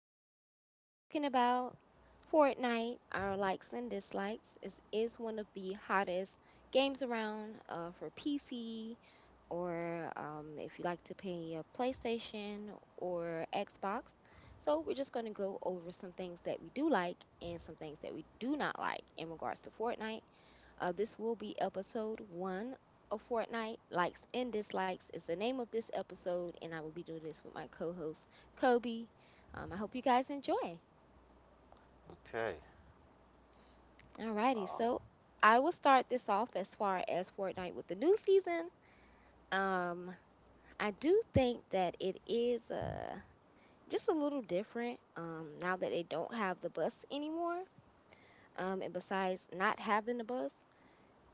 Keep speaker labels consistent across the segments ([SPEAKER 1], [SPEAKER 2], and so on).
[SPEAKER 1] we're gonna be talking about Fortnite. Our likes and dislikes is one of the hottest games around for PC or if you like to play a PlayStation or Xbox. So we're just gonna go over some things that we do like and some things that we do not like in regards to Fortnite. This will be episode one of Fortnite. Likes and dislikes is the name of this episode, and I will be doing this with my co-host Kobe. I hope you guys enjoy.
[SPEAKER 2] Okay.
[SPEAKER 1] Alrighty,
[SPEAKER 2] Uh,
[SPEAKER 1] so I will start this off as far as Fortnite with the new season. Um, I do think that it is just a little different now that they don't have the bus anymore. And besides not having the bus.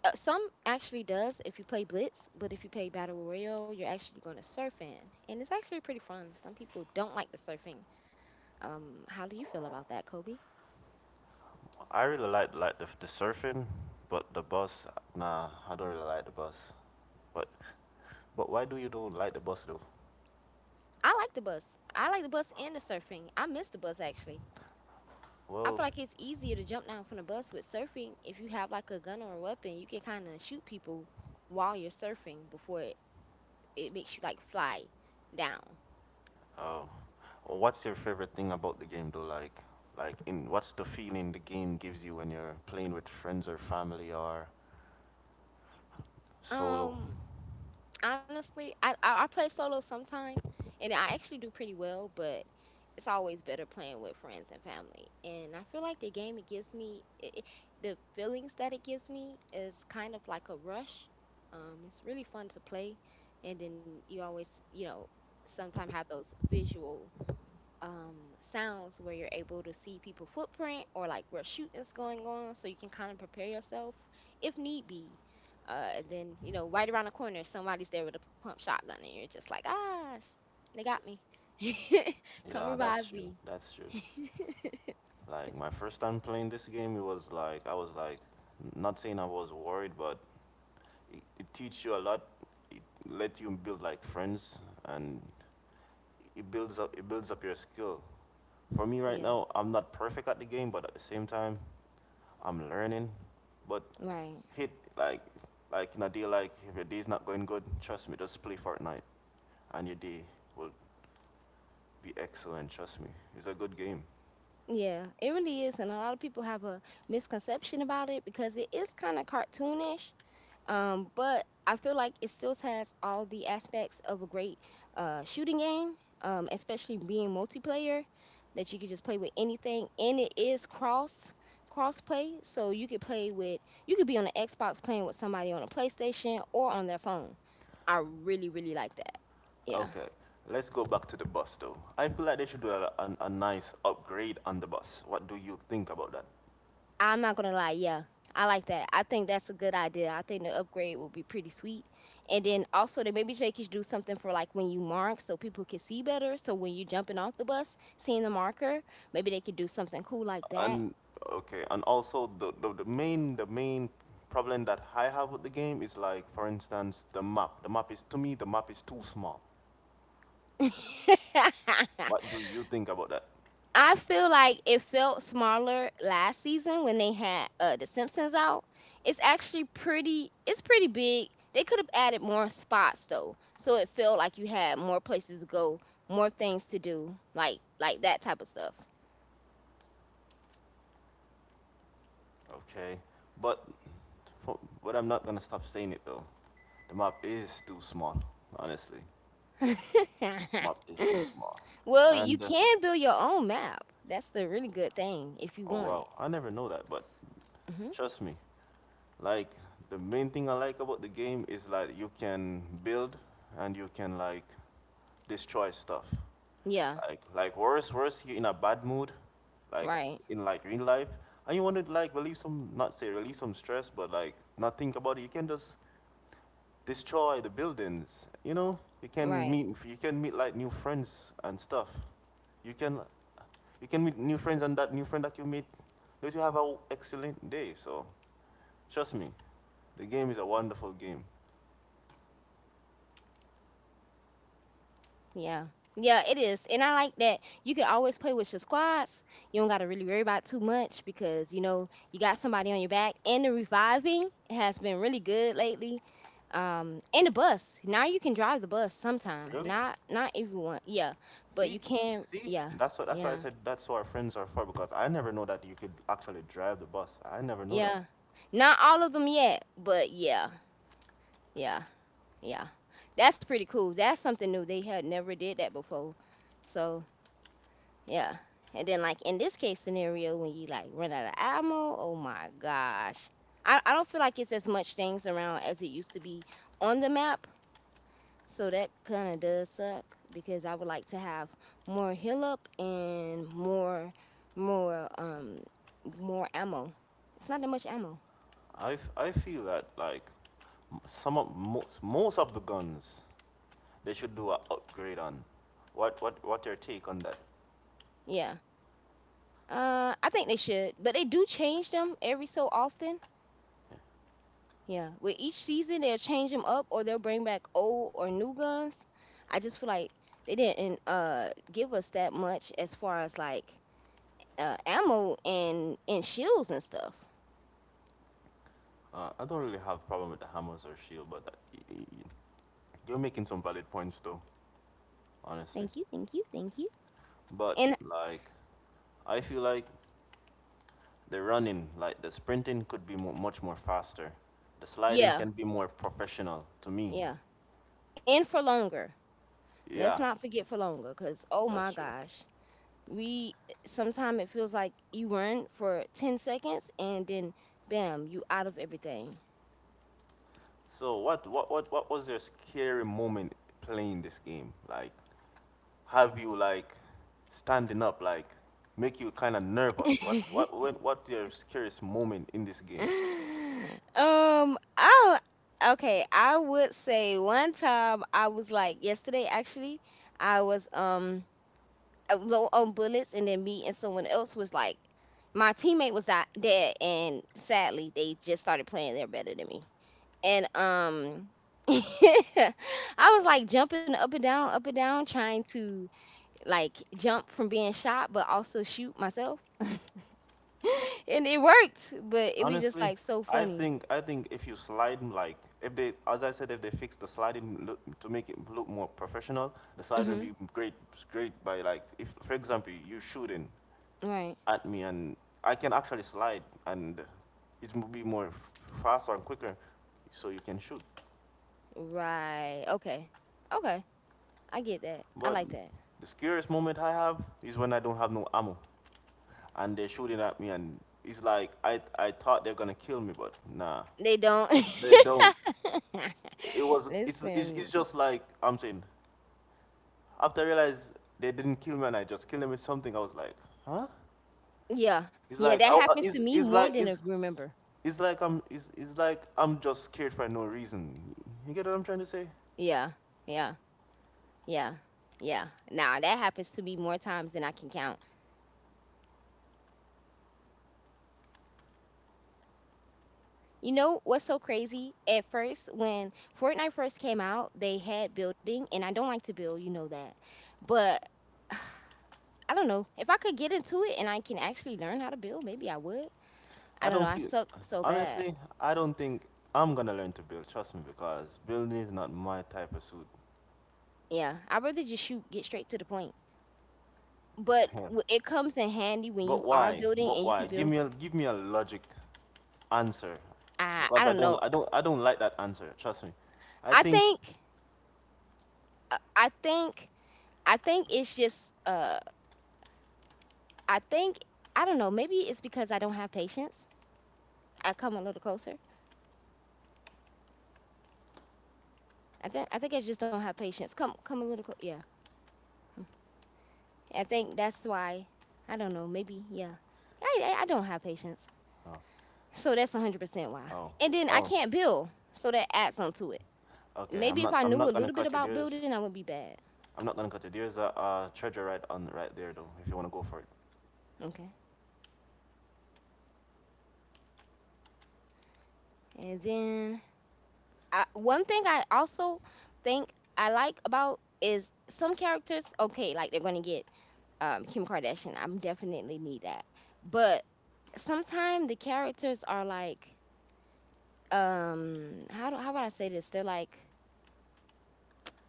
[SPEAKER 1] Some actually does if you play Blitz, but if you play Battle Royale, you're actually going to surf in, and it's actually pretty fun. Some people don't like the surfing. How do you feel about that, Kobe?
[SPEAKER 2] I really like the surfing, but the bus, nah, I don't really like the bus. But but why do you don't like the bus though?
[SPEAKER 1] I like the bus. I like the bus and the surfing. I miss the bus actually. I
[SPEAKER 2] Well,
[SPEAKER 1] feel like it's easier to jump down from the bus with surfing. If you have like a gun or a weapon, you can kind of shoot people while you're surfing before it, makes you like fly down.
[SPEAKER 2] uh, what's your favorite thing about the game though? Like in what's the feeling the game gives you when you're playing with friends or family or solo?
[SPEAKER 1] Um, honestly, I play solo sometime, and I actually do pretty well, but it's always better playing with friends and family. And I feel like the game it gives me, the feelings that it gives me is kind of like a rush. It's really fun to play, and then you always, you know, sometimes have those visual um sounds where you're able to see people footprint or like where shooting's going on so you can kind of prepare yourself if need be and then you know right around the corner somebody's there with a pump shotgun and you're just like ah they got me come
[SPEAKER 2] Yeah, that's
[SPEAKER 1] revive
[SPEAKER 2] true.
[SPEAKER 1] me
[SPEAKER 2] That's true. Like my first time playing this game, it was like I was like not saying I was worried, but it teaches you a lot. It lets you build like friends, and It builds up. Your skill. For me right
[SPEAKER 1] yeah,
[SPEAKER 2] now, I'm not perfect at the game, but at the same time, I'm learning. But
[SPEAKER 1] right,
[SPEAKER 2] hit like like in a day, like if your day's not going good, trust me, just play Fortnite, and your day will be excellent. Trust me, it's a good game.
[SPEAKER 1] yeah, it really is and a lot of people have a misconception about it because it is kind of cartoonish. But I feel like it still has all the aspects of a great shooting game, especially being multiplayer, that you can just play with anything, and it is cross play, so you could be on the Xbox playing with somebody on a PlayStation or on their phone. I really really like that. Yeah.
[SPEAKER 2] Okay, let's go back to the bus though. I feel like they should do a nice upgrade on the bus. What do you think about that?
[SPEAKER 1] I'm not gonna lie, yeah. I like that. I think that's a good idea. I think the upgrade will be pretty sweet. And then also they maybe they could do something for like when you mark so people can see better. So when you're jumping off the bus, seeing the marker, maybe they could do something cool like that.
[SPEAKER 2] And Okay, and also, the main problem that I have with the game is, like, for instance, the map is, to me, the map is too small. What do you think about that?
[SPEAKER 1] I feel like it felt smaller last season when they had the Simpsons out. It's actually pretty. It's pretty big. They could have added more spots though, so it felt like you had more places to go, more things to do, like that type of stuff.
[SPEAKER 2] Okay But for, I'm not gonna stop saying it though. The map is too small, honestly. Map is too small.
[SPEAKER 1] Well, you
[SPEAKER 2] And
[SPEAKER 1] can build your own map. That's the really good thing if you
[SPEAKER 2] Oh
[SPEAKER 1] want it.
[SPEAKER 2] wow, I never know that. But
[SPEAKER 1] Hmm.
[SPEAKER 2] trust me, like, the main thing I like about the game is, like, you can build, and you can like destroy stuff.
[SPEAKER 1] Yeah.
[SPEAKER 2] Like worse you're in a bad mood, like
[SPEAKER 1] Right.
[SPEAKER 2] in like real life, and you want to like relieve some, not say release some, stress, but like not think about it. You can just destroy the buildings. You know,
[SPEAKER 1] Right.
[SPEAKER 2] you can meet like new friends and stuff. You can you can meet new friends, and that new friend that you meet let you have an excellent day. So trust me, the game is a wonderful game.
[SPEAKER 1] Yeah. Yeah, it is. And I like that you can always play with your squads. You don't got to really worry about too much because, you know, you got somebody on your back. And the reviving has been really good lately. And the bus. Now you can drive the bus sometime.
[SPEAKER 2] Really?
[SPEAKER 1] Not everyone. Yeah. But
[SPEAKER 2] See,
[SPEAKER 1] you can,
[SPEAKER 2] see,
[SPEAKER 1] yeah.
[SPEAKER 2] that's what that's why I
[SPEAKER 1] Yeah.
[SPEAKER 2] said that's what our friends are for, because I never know that you could actually drive the bus. I never know that.
[SPEAKER 1] Yeah. Not all of them yet, but yeah. Yeah. Yeah. That's pretty cool. That's something new. They had never did that before. So, yeah. And then like in this case scenario when you like run out of ammo, oh my gosh. I don't feel like it's as much things around as it used to be on the map. So that kinda does suck because I would like to have more heal up and more um more ammo. It's not that much ammo.
[SPEAKER 2] I feel that like some of most of the guns they should do a upgrade on. What your take on that?
[SPEAKER 1] Yeah. Uh, I think they should. But they do change them every so often.
[SPEAKER 2] Yeah.
[SPEAKER 1] Yeah, with each season they'll change them up or they'll bring back old or new guns. I just feel like they didn't give us that much as far as like ammo and shields and stuff.
[SPEAKER 2] I don't really have problem with the hammers or shield, but that, y- y- y- you're making some valid points though, honestly.
[SPEAKER 1] Thank you, thank you, thank you.
[SPEAKER 2] But
[SPEAKER 1] And
[SPEAKER 2] like I feel like the running, like the sprinting, could be mo much more faster. The sliding can
[SPEAKER 1] yeah,
[SPEAKER 2] be more professional to me.
[SPEAKER 1] yeah. And for longer. Let's
[SPEAKER 2] Yeah,
[SPEAKER 1] not forget for longer cuz oh
[SPEAKER 2] that's
[SPEAKER 1] my
[SPEAKER 2] true.
[SPEAKER 1] gosh. We sometimes it feels like you run for 10 seconds and then bam, you out of everything.
[SPEAKER 2] So what was your scary moment playing this game? Like, have you like standing up like make you kind of nervous? What what what what's your scariest moment in this game?
[SPEAKER 1] um oh, okay, I would say one time I was like yesterday actually. I was low on bullets and then me and someone else was like my teammate was out dead and sadly they just started playing they're better than me and I was like jumping up and down, trying to like jump from being shot, but also shoot myself, and it worked. But it was just
[SPEAKER 2] Honestly,
[SPEAKER 1] like so
[SPEAKER 2] I
[SPEAKER 1] funny.
[SPEAKER 2] think I think if you slide, like if they, as I said, if they fix the sliding look, to make it look more professional, the slide
[SPEAKER 1] Mm-hmm.
[SPEAKER 2] would be great by, like, if for example, you shooting
[SPEAKER 1] Right.
[SPEAKER 2] at me, and I can actually slide, and it will be more faster and quicker, so you can shoot.
[SPEAKER 1] Right. Okay. Okay. I get that. I
[SPEAKER 2] But
[SPEAKER 1] like that.
[SPEAKER 2] the scariest moment I have is when I don't have no ammo, and they're shooting at me, and it's like I thought they're gonna kill me, but nah,
[SPEAKER 1] They don't.
[SPEAKER 2] they don't. It was it's
[SPEAKER 1] Listen.
[SPEAKER 2] just like I'm saying. After I realized they didn't kill me, and I just killed them with something, I was like, huh?
[SPEAKER 1] Yeah.
[SPEAKER 2] It's
[SPEAKER 1] Yeah.
[SPEAKER 2] like
[SPEAKER 1] That
[SPEAKER 2] I, uh,
[SPEAKER 1] happens to
[SPEAKER 2] it's
[SPEAKER 1] me
[SPEAKER 2] it's
[SPEAKER 1] more
[SPEAKER 2] like
[SPEAKER 1] than I
[SPEAKER 2] it's
[SPEAKER 1] remember.
[SPEAKER 2] It's like I'm just scared for no reason. You get what I'm trying to say?
[SPEAKER 1] Yeah. Yeah. Yeah. Yeah. Nah, that happens to me more times than I can count. You know what's so crazy? At first, when Fortnite first came out, they had building, and I don't like to build, you know that. But I don't know. If I could get into it and I can actually learn how to build, maybe I would. I
[SPEAKER 2] I
[SPEAKER 1] don't know.
[SPEAKER 2] don't
[SPEAKER 1] I
[SPEAKER 2] feel.
[SPEAKER 1] suck so bad.
[SPEAKER 2] Honestly, I don't think I'm gonna learn to build. Trust me, because building is not my type of suit.
[SPEAKER 1] Yeah, I'd rather just shoot, get straight to the point. But
[SPEAKER 2] Hell.
[SPEAKER 1] it comes in handy when
[SPEAKER 2] But
[SPEAKER 1] you are
[SPEAKER 2] why?
[SPEAKER 1] building
[SPEAKER 2] But
[SPEAKER 1] and you
[SPEAKER 2] why?
[SPEAKER 1] could
[SPEAKER 2] Give
[SPEAKER 1] build.
[SPEAKER 2] me a give me a logic answer,
[SPEAKER 1] I
[SPEAKER 2] because I
[SPEAKER 1] don't
[SPEAKER 2] don't
[SPEAKER 1] know.
[SPEAKER 2] I don't I don't like that answer. Trust me. I
[SPEAKER 1] I
[SPEAKER 2] think.
[SPEAKER 1] think uh, I think I think it's just I think I don't know. Maybe it's because I don't have patience. I come a little closer. I think I just don't have patience. Come a little yeah. Hmm, I think that's why. I don't know. Maybe, yeah. I don't have patience,
[SPEAKER 2] Oh,
[SPEAKER 1] so that's 100% why.
[SPEAKER 2] oh,
[SPEAKER 1] And then I
[SPEAKER 2] oh.
[SPEAKER 1] can't build, so that adds on to it.
[SPEAKER 2] Okay, I'm
[SPEAKER 1] Maybe if
[SPEAKER 2] not
[SPEAKER 1] I
[SPEAKER 2] I'm
[SPEAKER 1] knew a
[SPEAKER 2] not gonna
[SPEAKER 1] little bit
[SPEAKER 2] cut you.
[SPEAKER 1] about
[SPEAKER 2] There's
[SPEAKER 1] building, I wouldn't be bad.
[SPEAKER 2] I'm not gonna cut you. There's a treasure right on right there though. If you wanna go for it.
[SPEAKER 1] Okay. And then I, one thing I also think I like about is some characters, okay, like they're going to get Kim Kardashian. I definitely need that. But sometimes the characters are like, how do, how would I say this? They're like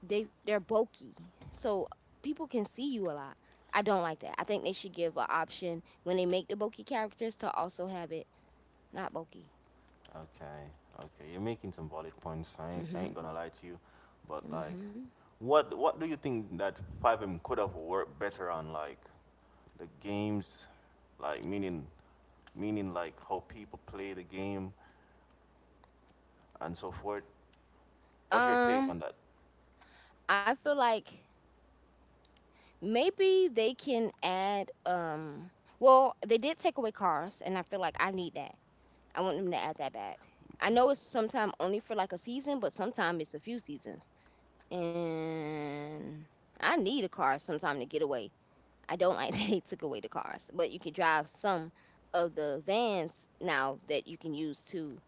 [SPEAKER 1] they're bulky, so people can see you a lot. I don't like that. I think they should give an option when they make the bulky characters to also have it not bulky.
[SPEAKER 2] Okay, okay, you're making some valid points. I ain't,
[SPEAKER 1] Mm hmm.
[SPEAKER 2] I ain't
[SPEAKER 1] Mm
[SPEAKER 2] gonna lie to you, but
[SPEAKER 1] hmm.
[SPEAKER 2] like,
[SPEAKER 1] Mhm.
[SPEAKER 2] what do you think that 5M could have worked better on, like, the games, like, meaning like how people play the game and so forth? What's your take
[SPEAKER 1] Um,
[SPEAKER 2] on that?
[SPEAKER 1] I feel like maybe they can add well, they did take away cars and I feel like I need that. I want them to add that back. I know it's sometime only for like a season, but sometime it's a few seasons. And I need a car sometime to get away. I don't like that they took away the cars, but you can drive some of the vans now that you can use to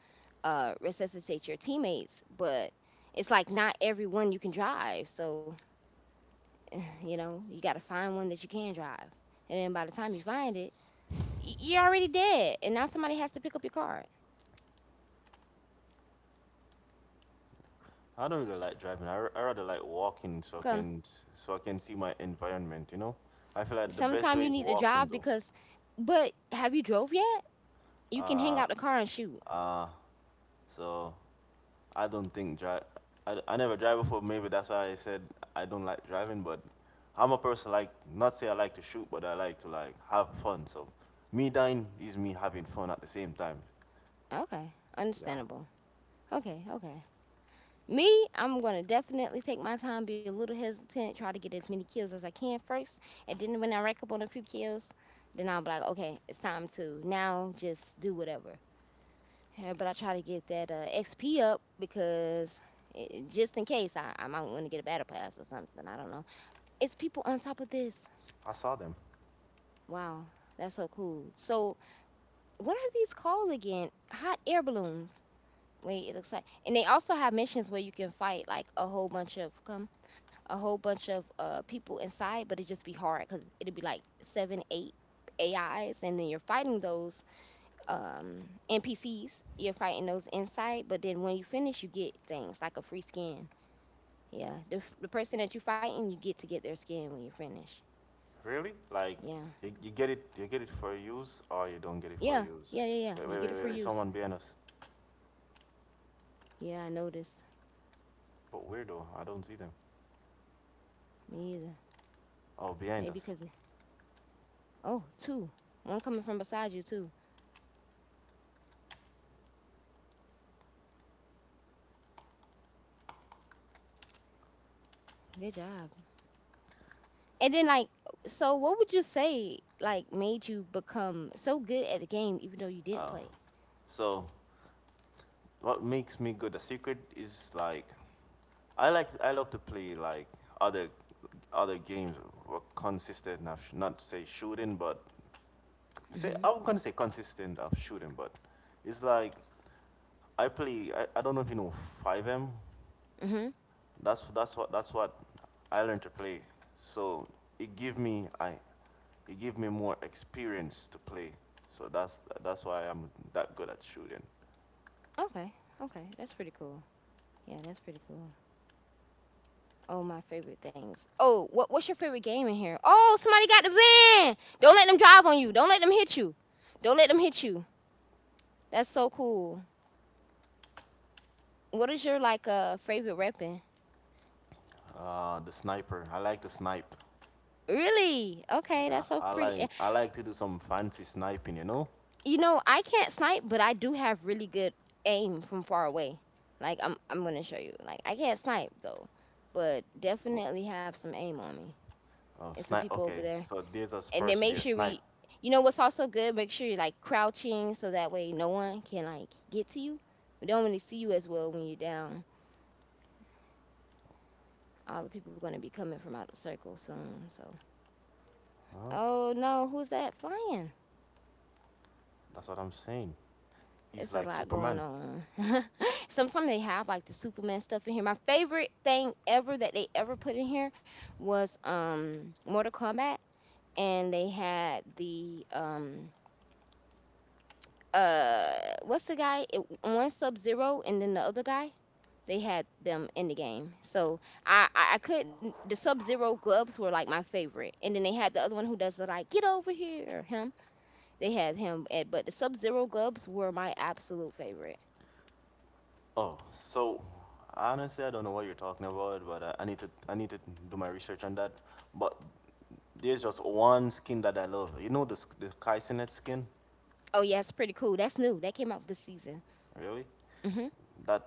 [SPEAKER 1] resuscitate your teammates, but it's like not everyone you can drive. So you know, you got to find one that you can drive. And then by the time you find it, you're already dead. And now somebody has to pick up your car.
[SPEAKER 2] I don't really like driving. I rather like walking so I
[SPEAKER 1] Come,
[SPEAKER 2] can see my environment. You know, I feel like the best
[SPEAKER 1] sometime you
[SPEAKER 2] way is
[SPEAKER 1] need to drive
[SPEAKER 2] walking though.
[SPEAKER 1] because, but have you drove yet? You can hang
[SPEAKER 2] Uh,
[SPEAKER 1] out the car and shoot.
[SPEAKER 2] uh, so I don't think drive. I never drive before. Maybe that's why I said I don't like driving. But I'm a person, like, not say I like to shoot, but I like to like have fun. So me dying is me having fun at the same time.
[SPEAKER 1] Okay,
[SPEAKER 2] Yeah,
[SPEAKER 1] understandable. Okay, okay. Me, I'm gonna definitely take my time, be a little hesitant, try to get as many kills as I can first, and then when I rack up on a few kills, then I'll be like, okay, it's time to now just do whatever. Yeah, but I try to get that XP up because I just in case I might want to get a battle pass or something. I don't know. It's people on top of this.
[SPEAKER 2] I saw them.
[SPEAKER 1] Wow, that's so cool. So, what are these called again? Hot air balloons. Wait, it looks like, and they also have missions where you can fight like a whole bunch of people inside, but it just be hard because it'd be like seven, eight AIs, and then you're fighting those NPCs. You're fighting those inside, but then when you finish, you get things like a free skin. Yeah, the the person that you're fighting, you get to get their skin when you finish.
[SPEAKER 2] Really? Like,
[SPEAKER 1] Yeah,
[SPEAKER 2] you get it, you get it for use, or you don't get it for
[SPEAKER 1] yeah,
[SPEAKER 2] use.
[SPEAKER 1] yeah, yeah, yeah.
[SPEAKER 2] Wait,
[SPEAKER 1] You
[SPEAKER 2] wait,
[SPEAKER 1] get
[SPEAKER 2] wait,
[SPEAKER 1] it for
[SPEAKER 2] wait, wait.
[SPEAKER 1] use.
[SPEAKER 2] Someone behind us.
[SPEAKER 1] Yeah, I noticed.
[SPEAKER 2] But where though? I don't see them.
[SPEAKER 1] Me either.
[SPEAKER 2] Oh,
[SPEAKER 1] Maybe
[SPEAKER 2] behind
[SPEAKER 1] because
[SPEAKER 2] us.
[SPEAKER 1] oh, two. One coming from beside you too. Good job. And then like, so what would you say like made you become so good at the game even though you didn't
[SPEAKER 2] Oh,
[SPEAKER 1] play?
[SPEAKER 2] so what makes me good? The secret is like I love to play like other other games were consistent of not say shooting, but say
[SPEAKER 1] Mhm.
[SPEAKER 2] I was gonna say consistent of shooting, but it's like I play. I don't know if you know 5M.
[SPEAKER 1] Mhm.
[SPEAKER 2] That's what I learned to play. So it give me I it give me more experience to play. So that's why I'm that good at shooting.
[SPEAKER 1] Okay. Okay, that's pretty cool. Yeah, that's pretty cool. Oh, my favorite things. Oh, what's your favorite game in here? Oh, somebody got the van. Don't let them drive on you. Don't let them hit you. Don't let them hit you. That's so cool. What is your like favorite weapon?
[SPEAKER 2] The sniper. I like to snipe.
[SPEAKER 1] Really? Okay,
[SPEAKER 2] Yeah,
[SPEAKER 1] that's so
[SPEAKER 2] I
[SPEAKER 1] pretty.
[SPEAKER 2] like
[SPEAKER 1] Eh,
[SPEAKER 2] I like to do some fancy sniping. You know.
[SPEAKER 1] you know, I can't snipe, but I do have really good aim from far away. Like I'm gonna show you. Like I can't snipe though, but definitely have some aim on me.
[SPEAKER 2] Oh,
[SPEAKER 1] And some
[SPEAKER 2] snipe.
[SPEAKER 1] people over
[SPEAKER 2] Okay,
[SPEAKER 1] there
[SPEAKER 2] so there's a
[SPEAKER 1] and then
[SPEAKER 2] spurs
[SPEAKER 1] make
[SPEAKER 2] there.
[SPEAKER 1] sure
[SPEAKER 2] Snipe.
[SPEAKER 1] we what's also good, make sure you're like crouching, so that way no one can like get to you. We don't really see you as well when you're down. All the people going to be coming from out of the circle soon, so
[SPEAKER 2] Huh?
[SPEAKER 1] oh no, who's that flying?
[SPEAKER 2] That's what I'm saying. He's
[SPEAKER 1] It's a
[SPEAKER 2] like
[SPEAKER 1] lot going
[SPEAKER 2] Superman.
[SPEAKER 1] on. Sometimes they have like the Superman stuff in here. My favorite thing ever that they ever put in here was Mortal Kombat. And they had the uh what's the guy, it, one Sub Zero and then the other guy. They had them in the game. So I couldn't. The Sub Zero gloves were like my favorite, and then they had the other one who does the like get over here, him. They had him, at, but the Sub Zero gloves were my absolute favorite.
[SPEAKER 2] Oh, so honestly, I don't know what you're talking about, but I need to do my research on that. But there's just one skin that I love. You know the Kaisenet skin,
[SPEAKER 1] Oh yeah, it's pretty cool. That's new. That came out this season.
[SPEAKER 2] really?
[SPEAKER 1] Hmm.
[SPEAKER 2] That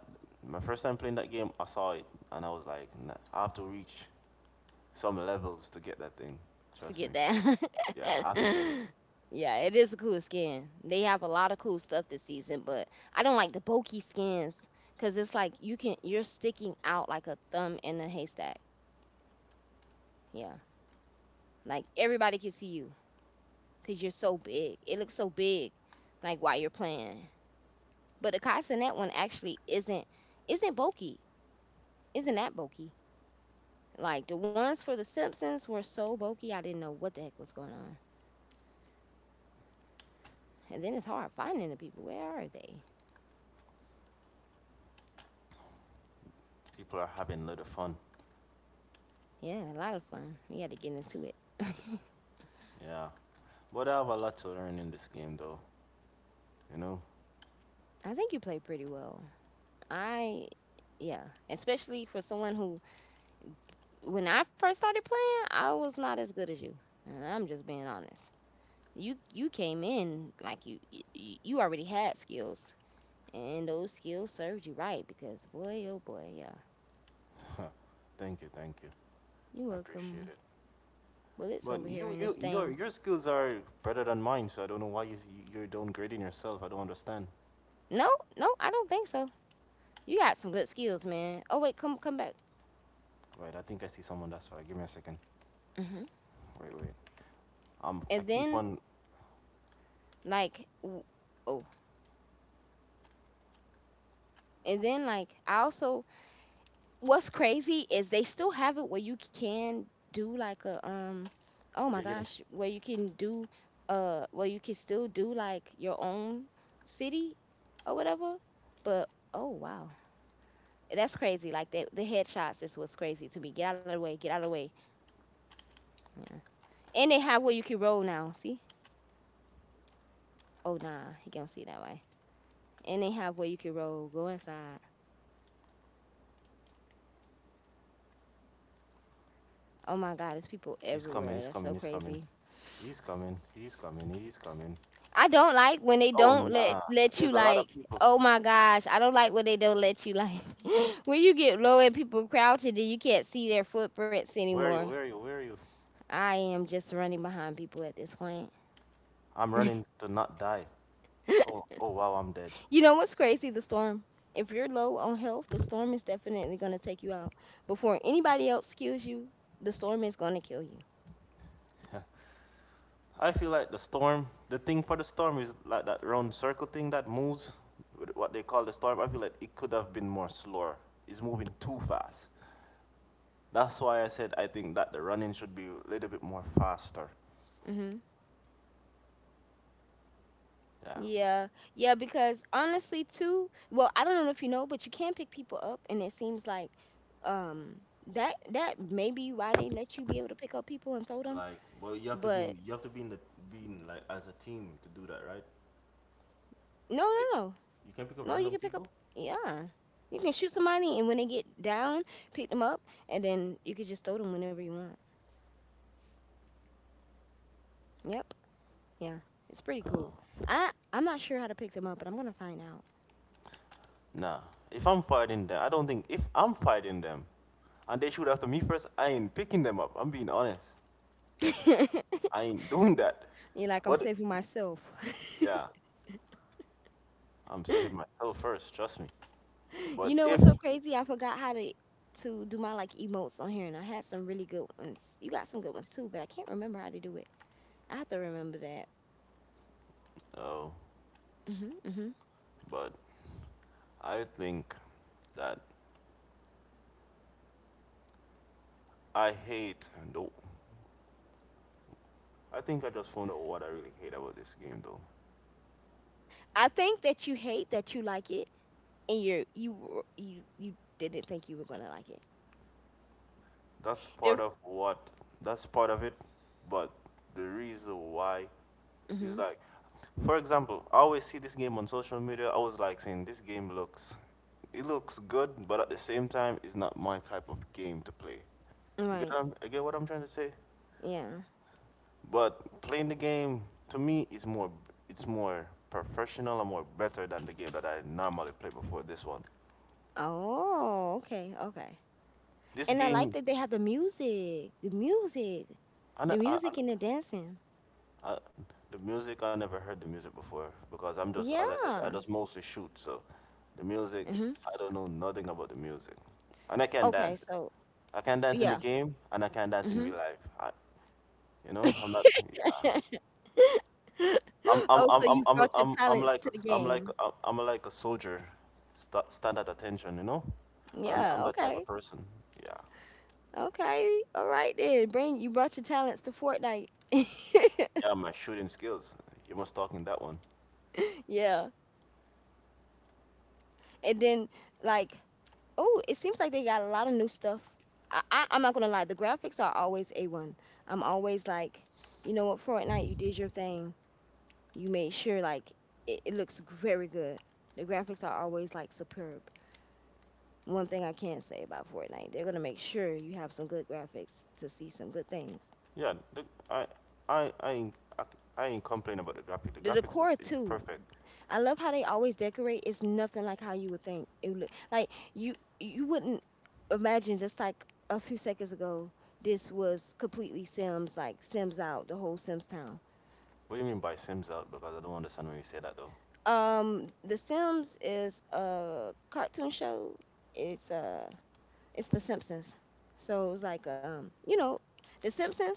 [SPEAKER 2] my first time playing that game, I saw it and I was like, nah, I have to reach some levels to get that thing.
[SPEAKER 1] To get
[SPEAKER 2] Trust me.
[SPEAKER 1] that.
[SPEAKER 2] Yeah, I have to get it.
[SPEAKER 1] Yeah, it is a cool skin. They have a lot of cool stuff this season, but I don't like the bulky skins because it's like you can you're sticking out like a thumb in a haystack. Yeah, like everybody can see you, because you're so big. It looks so big, like while you're playing. But the Castanet one actually isn't bulky. Isn't that bulky? Like the ones for the Simpsons were so bulky, I didn't know what the heck was going on. And then it's hard finding the people. Where are they?
[SPEAKER 2] People are having a little fun.
[SPEAKER 1] Yeah, a lot of fun. We had to get into it.
[SPEAKER 2] Yeah, but I have a lot to learn in this game, though. You know.
[SPEAKER 1] I think you played pretty well. I, yeah, especially for someone who, when I first started playing, I was not as good as you. And I'm just being honest. You came in like you already had skills, and those skills served you right, because boy oh boy, yeah.
[SPEAKER 2] Thank you, thank you.
[SPEAKER 1] You
[SPEAKER 2] I
[SPEAKER 1] welcome.
[SPEAKER 2] appreciate it.
[SPEAKER 1] Well, it's
[SPEAKER 2] But
[SPEAKER 1] over here in
[SPEAKER 2] you,
[SPEAKER 1] this
[SPEAKER 2] you, your,
[SPEAKER 1] thing.
[SPEAKER 2] your skills are better than mine, so I don't know why you're downgrading yourself. I don't understand.
[SPEAKER 1] No, no I don't think so. You got some good skills, man. Oh wait, come back.
[SPEAKER 2] Right, I think I see someone. That's why. Give me a second.
[SPEAKER 1] Hmm.
[SPEAKER 2] Wait, wait. I
[SPEAKER 1] And
[SPEAKER 2] keep
[SPEAKER 1] then
[SPEAKER 2] on.
[SPEAKER 1] like w- oh, and then like I also, what's crazy is they still have it where you can do like a oh my
[SPEAKER 2] You're getting.
[SPEAKER 1] gosh, where you can do where you can still do like your own city or whatever, but oh wow, that's crazy, like the headshots is what's crazy to me. Get out of the way, get out of the way. Yeah. And they have where you can roll now, see. Oh nah, he can't see that way. And they have where you can roll, go inside. Oh my god, there's people
[SPEAKER 2] He's coming.
[SPEAKER 1] everywhere,
[SPEAKER 2] He's
[SPEAKER 1] that's so
[SPEAKER 2] coming. He's coming.
[SPEAKER 1] crazy.
[SPEAKER 2] He's coming. He's coming. He's coming.
[SPEAKER 1] I don't like when they
[SPEAKER 2] Oh
[SPEAKER 1] don't let
[SPEAKER 2] nah.
[SPEAKER 1] let you
[SPEAKER 2] There's a lot of
[SPEAKER 1] like.
[SPEAKER 2] people.
[SPEAKER 1] Oh my gosh, I don't like when they don't let you like. When you get low and people crouching, then you can't see their footprints
[SPEAKER 2] Where are you?
[SPEAKER 1] anymore.
[SPEAKER 2] Where are you? Where are you?
[SPEAKER 1] I am just running behind people at this point.
[SPEAKER 2] I'm
[SPEAKER 1] You
[SPEAKER 2] running to not die. Oh, oh wow, I'm dead.
[SPEAKER 1] know what's crazy? The storm. If you're low on health, the storm is definitely gonna take you out before anybody else kills you. The storm is gonna kill you.
[SPEAKER 2] I feel like the storm, the thing for the storm is like that round circle thing that moves, with what they call the storm. I feel like it could have been more slower. It's moving too fast. That's why I said I think that the running should be a little bit more faster.
[SPEAKER 1] Hmm.
[SPEAKER 2] Yeah.
[SPEAKER 1] Yeah, yeah, because honestly too, well, I don't know if you know, but you can pick people up, and it seems like um that that may be why they let you be able to pick up people and throw them.
[SPEAKER 2] Like, well,
[SPEAKER 1] But
[SPEAKER 2] you have to be in the being like as a team to do that, right?
[SPEAKER 1] no,
[SPEAKER 2] Eh,
[SPEAKER 1] no, no.
[SPEAKER 2] You can pick up
[SPEAKER 1] No, you
[SPEAKER 2] random
[SPEAKER 1] can pick up
[SPEAKER 2] people.
[SPEAKER 1] yeah. You can shoot somebody and when they get down, pick them up, and then you can just throw them whenever you want. Yep. Yeah. It's pretty cool. I'm not sure how to pick them up, but I'm gonna find out.
[SPEAKER 2] Nah. If I'm fighting them, I don't think if I'm fighting them, and they shoot after me first, I ain't picking them up. I'm being honest. I ain't doing that.
[SPEAKER 1] You're like, I'm
[SPEAKER 2] But
[SPEAKER 1] saving myself.
[SPEAKER 2] Yeah, I'm saving myself first, trust me. But
[SPEAKER 1] You know
[SPEAKER 2] if,
[SPEAKER 1] what's so crazy? I forgot how to do my like emotes on here, and I had some really good ones. You got some good ones too, but I can't remember how to do it. I have to remember that.
[SPEAKER 2] oh,
[SPEAKER 1] Hmm. Hmm.
[SPEAKER 2] but I think that I hate, though, I think I just found out what I really hate about this game, though.
[SPEAKER 1] I think that you hate that you like it, and you didn't think you were gonna like it.
[SPEAKER 2] That's part
[SPEAKER 1] There,
[SPEAKER 2] of what, that's part of it, but the reason why is
[SPEAKER 1] hmm.
[SPEAKER 2] like, for example, I always see this game on social media. I was like saying, this game looks, it looks good, but at the same time, it's not my type of game to play. You get, what
[SPEAKER 1] Right.
[SPEAKER 2] I'm- you get what I'm trying to say?
[SPEAKER 1] Yeah.
[SPEAKER 2] But playing the game to me is more it's more professional and more better than the game that I normally play before this one.
[SPEAKER 1] Oh. Okay. Okay.
[SPEAKER 2] This
[SPEAKER 1] And I like
[SPEAKER 2] game,
[SPEAKER 1] that they have
[SPEAKER 2] I, ne-
[SPEAKER 1] the music and the dancing.
[SPEAKER 2] I, the music I never heard the music before, because I'm just, as I said, I
[SPEAKER 1] Yeah.
[SPEAKER 2] just mostly shoot. So the music
[SPEAKER 1] Hmm.
[SPEAKER 2] I don't know nothing about the music, and I can
[SPEAKER 1] Okay.
[SPEAKER 2] dance.
[SPEAKER 1] So
[SPEAKER 2] I can dance in the
[SPEAKER 1] yeah.
[SPEAKER 2] game, and I can dance in
[SPEAKER 1] Hmm.
[SPEAKER 2] real life. You know I'm not. Yeah,
[SPEAKER 1] Oh, so you brought your
[SPEAKER 2] I'm
[SPEAKER 1] talents
[SPEAKER 2] like
[SPEAKER 1] to
[SPEAKER 2] a-
[SPEAKER 1] the game.
[SPEAKER 2] I'm like a soldier, stand at attention, you know. I'm
[SPEAKER 1] Yeah,
[SPEAKER 2] that type of
[SPEAKER 1] okay.
[SPEAKER 2] person. Yeah,
[SPEAKER 1] Okay, all right then. Bring, you brought your talents to Fortnite.
[SPEAKER 2] yeah. My shooting skills. You must talk in that one.
[SPEAKER 1] Yeah. And then like, oh, it seems like they got a lot of new stuff. I'm not gonna lie, the graphics are always A1. I'm always like, you know what, Fortnite, you did your thing. You made sure like it looks very good. The graphics are always like superb. One thing I can say about Fortnite, they're gonna make sure you have some good graphics to see some good things.
[SPEAKER 2] Yeah, the, I I I ain't I, I ain't complaining about the graphic. The
[SPEAKER 1] The
[SPEAKER 2] graphics is,
[SPEAKER 1] decor
[SPEAKER 2] is
[SPEAKER 1] too.
[SPEAKER 2] perfect.
[SPEAKER 1] I love how they always decorate. It's nothing like how you would think it would look. Like you wouldn't imagine just like a few seconds ago, this was completely Sims, like Sims out, the whole Sims town.
[SPEAKER 2] What do you mean by Sims out? Because I don't understand when you say that though.
[SPEAKER 1] The Sims is a cartoon show. It's uh, it's The Simpsons. So it was like you know, The Simpsons.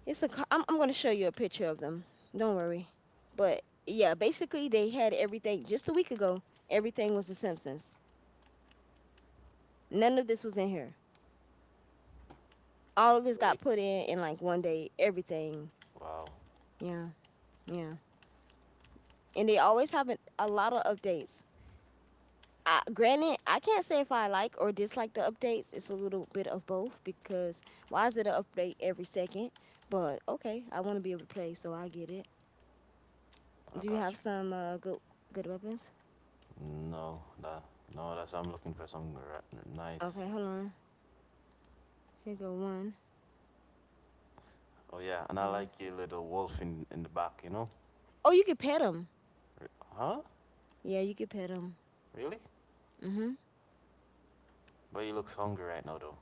[SPEAKER 1] It's a. co- I'm gonna show you a picture of them. Don't worry. But yeah, basically they had everything just a week ago. Everything was The Simpsons. None of this was in here. All of this got
[SPEAKER 2] Really?
[SPEAKER 1] put in like one day. Everything.
[SPEAKER 2] Wow,
[SPEAKER 1] Yeah, yeah. And they always have a lot of updates. I, granted, I can't say if I like or dislike the updates. It's a little bit of both, because why is it an update every second? But okay, I want to be able to play, so I get it.
[SPEAKER 2] I
[SPEAKER 1] Do you
[SPEAKER 2] got
[SPEAKER 1] have
[SPEAKER 2] you.
[SPEAKER 1] some good good weapons?
[SPEAKER 2] No, that no. That's I'm looking for something nice.
[SPEAKER 1] Okay, hold on. Here go one.
[SPEAKER 2] Oh yeah, and I
[SPEAKER 1] Yeah.
[SPEAKER 2] like your little wolf in the back.
[SPEAKER 1] Oh, you could pet him.
[SPEAKER 2] Huh?
[SPEAKER 1] Yeah, you could pet him.
[SPEAKER 2] Really?
[SPEAKER 1] Mhm.
[SPEAKER 2] But he looks hungry right now, though.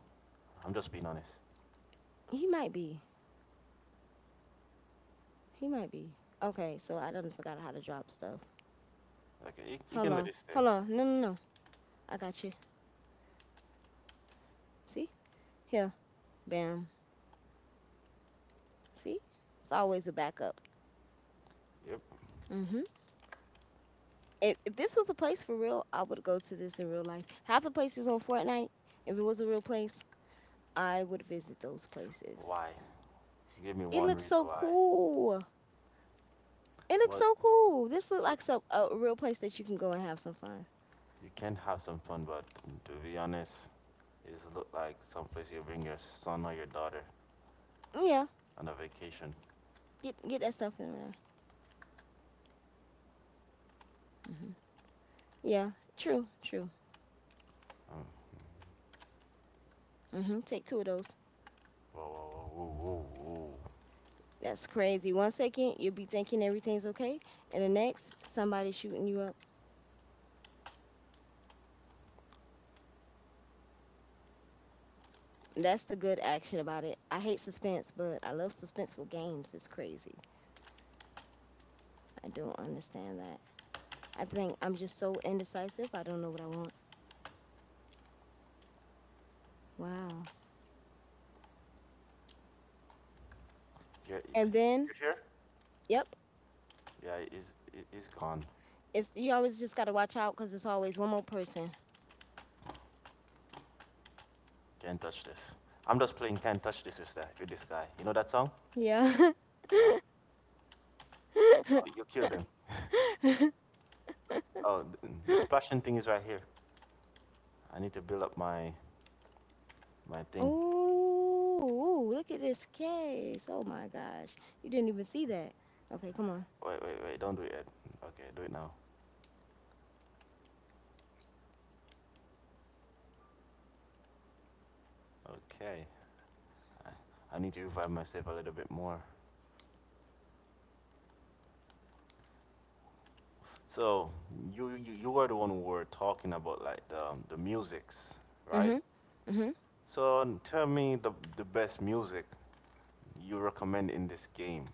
[SPEAKER 2] I'm just being honest.
[SPEAKER 1] He might be. He might be. Okay, so I done forgot how to drop stuff.
[SPEAKER 2] Okay, you
[SPEAKER 1] Hold
[SPEAKER 2] can let
[SPEAKER 1] on.
[SPEAKER 2] it stay.
[SPEAKER 1] Hold on. No, no, no. I got you. See? Here. Bam. See? It's always a backup.
[SPEAKER 2] Yep.
[SPEAKER 1] Mhm. If this was a place for real, I would go to this in real life. Half the places on Fortnite, if it was a real place, I would visit those places.
[SPEAKER 2] Why? Give me
[SPEAKER 1] It
[SPEAKER 2] one
[SPEAKER 1] looks
[SPEAKER 2] reason
[SPEAKER 1] so
[SPEAKER 2] why.
[SPEAKER 1] cool. It looks
[SPEAKER 2] But
[SPEAKER 1] so cool. This looks
[SPEAKER 2] uh,
[SPEAKER 1] like some a real place that you can go and have some fun.
[SPEAKER 2] you can have some fun, but to be honest, it's look like someplace you bring your son or your daughter
[SPEAKER 1] Yeah,
[SPEAKER 2] on a vacation.
[SPEAKER 1] get that stuff in there. Hmm. Yeah, true, true.
[SPEAKER 2] Um,
[SPEAKER 1] Hmm. Take two of those.
[SPEAKER 2] Whoa, whoa, whoa, whoa, whoa, whoa.
[SPEAKER 1] That's crazy. One second you'll be thinking everything's okay, and the next somebody's shooting you up. That's the good action about it. I hate suspense, but I love suspenseful games. It's crazy. I don't understand that. I think I'm just so indecisive. I don't know what I want. Wow.
[SPEAKER 2] Yeah,
[SPEAKER 1] And then,
[SPEAKER 2] you here?
[SPEAKER 1] yep,
[SPEAKER 2] Yeah, he's gone.
[SPEAKER 1] it's you always just gotta watch out because it's always one more person.
[SPEAKER 2] Can't touch this. I'm just playing Can't Touch This with this guy. You know that song?
[SPEAKER 1] Yeah.
[SPEAKER 2] Yeah. Oh, you killed him. Oh, the splashing thing is right here. I need to build up my thing.
[SPEAKER 1] Oh, look at this case. Oh my gosh. You didn't even see that. Okay, come on.
[SPEAKER 2] Wait, wait, wait! Don't do it yet. Okay, do it now. Okay, I, I need to revive myself a little bit more. So you are the one who were talking about like the musics, right?
[SPEAKER 1] Mhm. Mhm.
[SPEAKER 2] So tell me the best music you recommend in this game,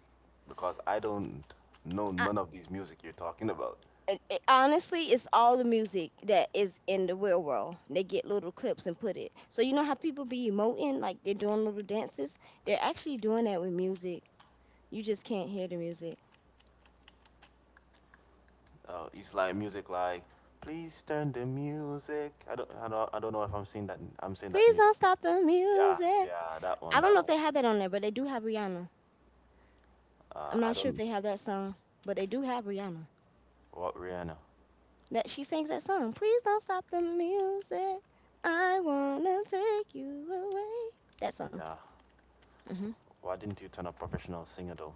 [SPEAKER 2] because I don't know
[SPEAKER 1] I,
[SPEAKER 2] none of these music you're talking about.
[SPEAKER 1] honestly, it's all the music that is in the real world. They get little clips and put it. So you know how people be emoting like they're doing little dances? They're actually doing that with music. You just can't hear the music.
[SPEAKER 2] It's like music like please turn the music. I don't know if I'm saying that
[SPEAKER 1] Please
[SPEAKER 2] music.
[SPEAKER 1] don't stop the
[SPEAKER 2] Yeah,
[SPEAKER 1] music.
[SPEAKER 2] yeah, that one,
[SPEAKER 1] I don't know
[SPEAKER 2] that
[SPEAKER 1] if
[SPEAKER 2] one.
[SPEAKER 1] they have that on there, but they do have Rihanna. I'm
[SPEAKER 2] I
[SPEAKER 1] not sure if
[SPEAKER 2] don't
[SPEAKER 1] they have that song, but they do have Rihanna.
[SPEAKER 2] What Rihanna.
[SPEAKER 1] That she sings that song. Please don't stop the music. I wanna take you away. That song.
[SPEAKER 2] Yeah.
[SPEAKER 1] Hmm.
[SPEAKER 2] Why didn't you turn a professional singer though?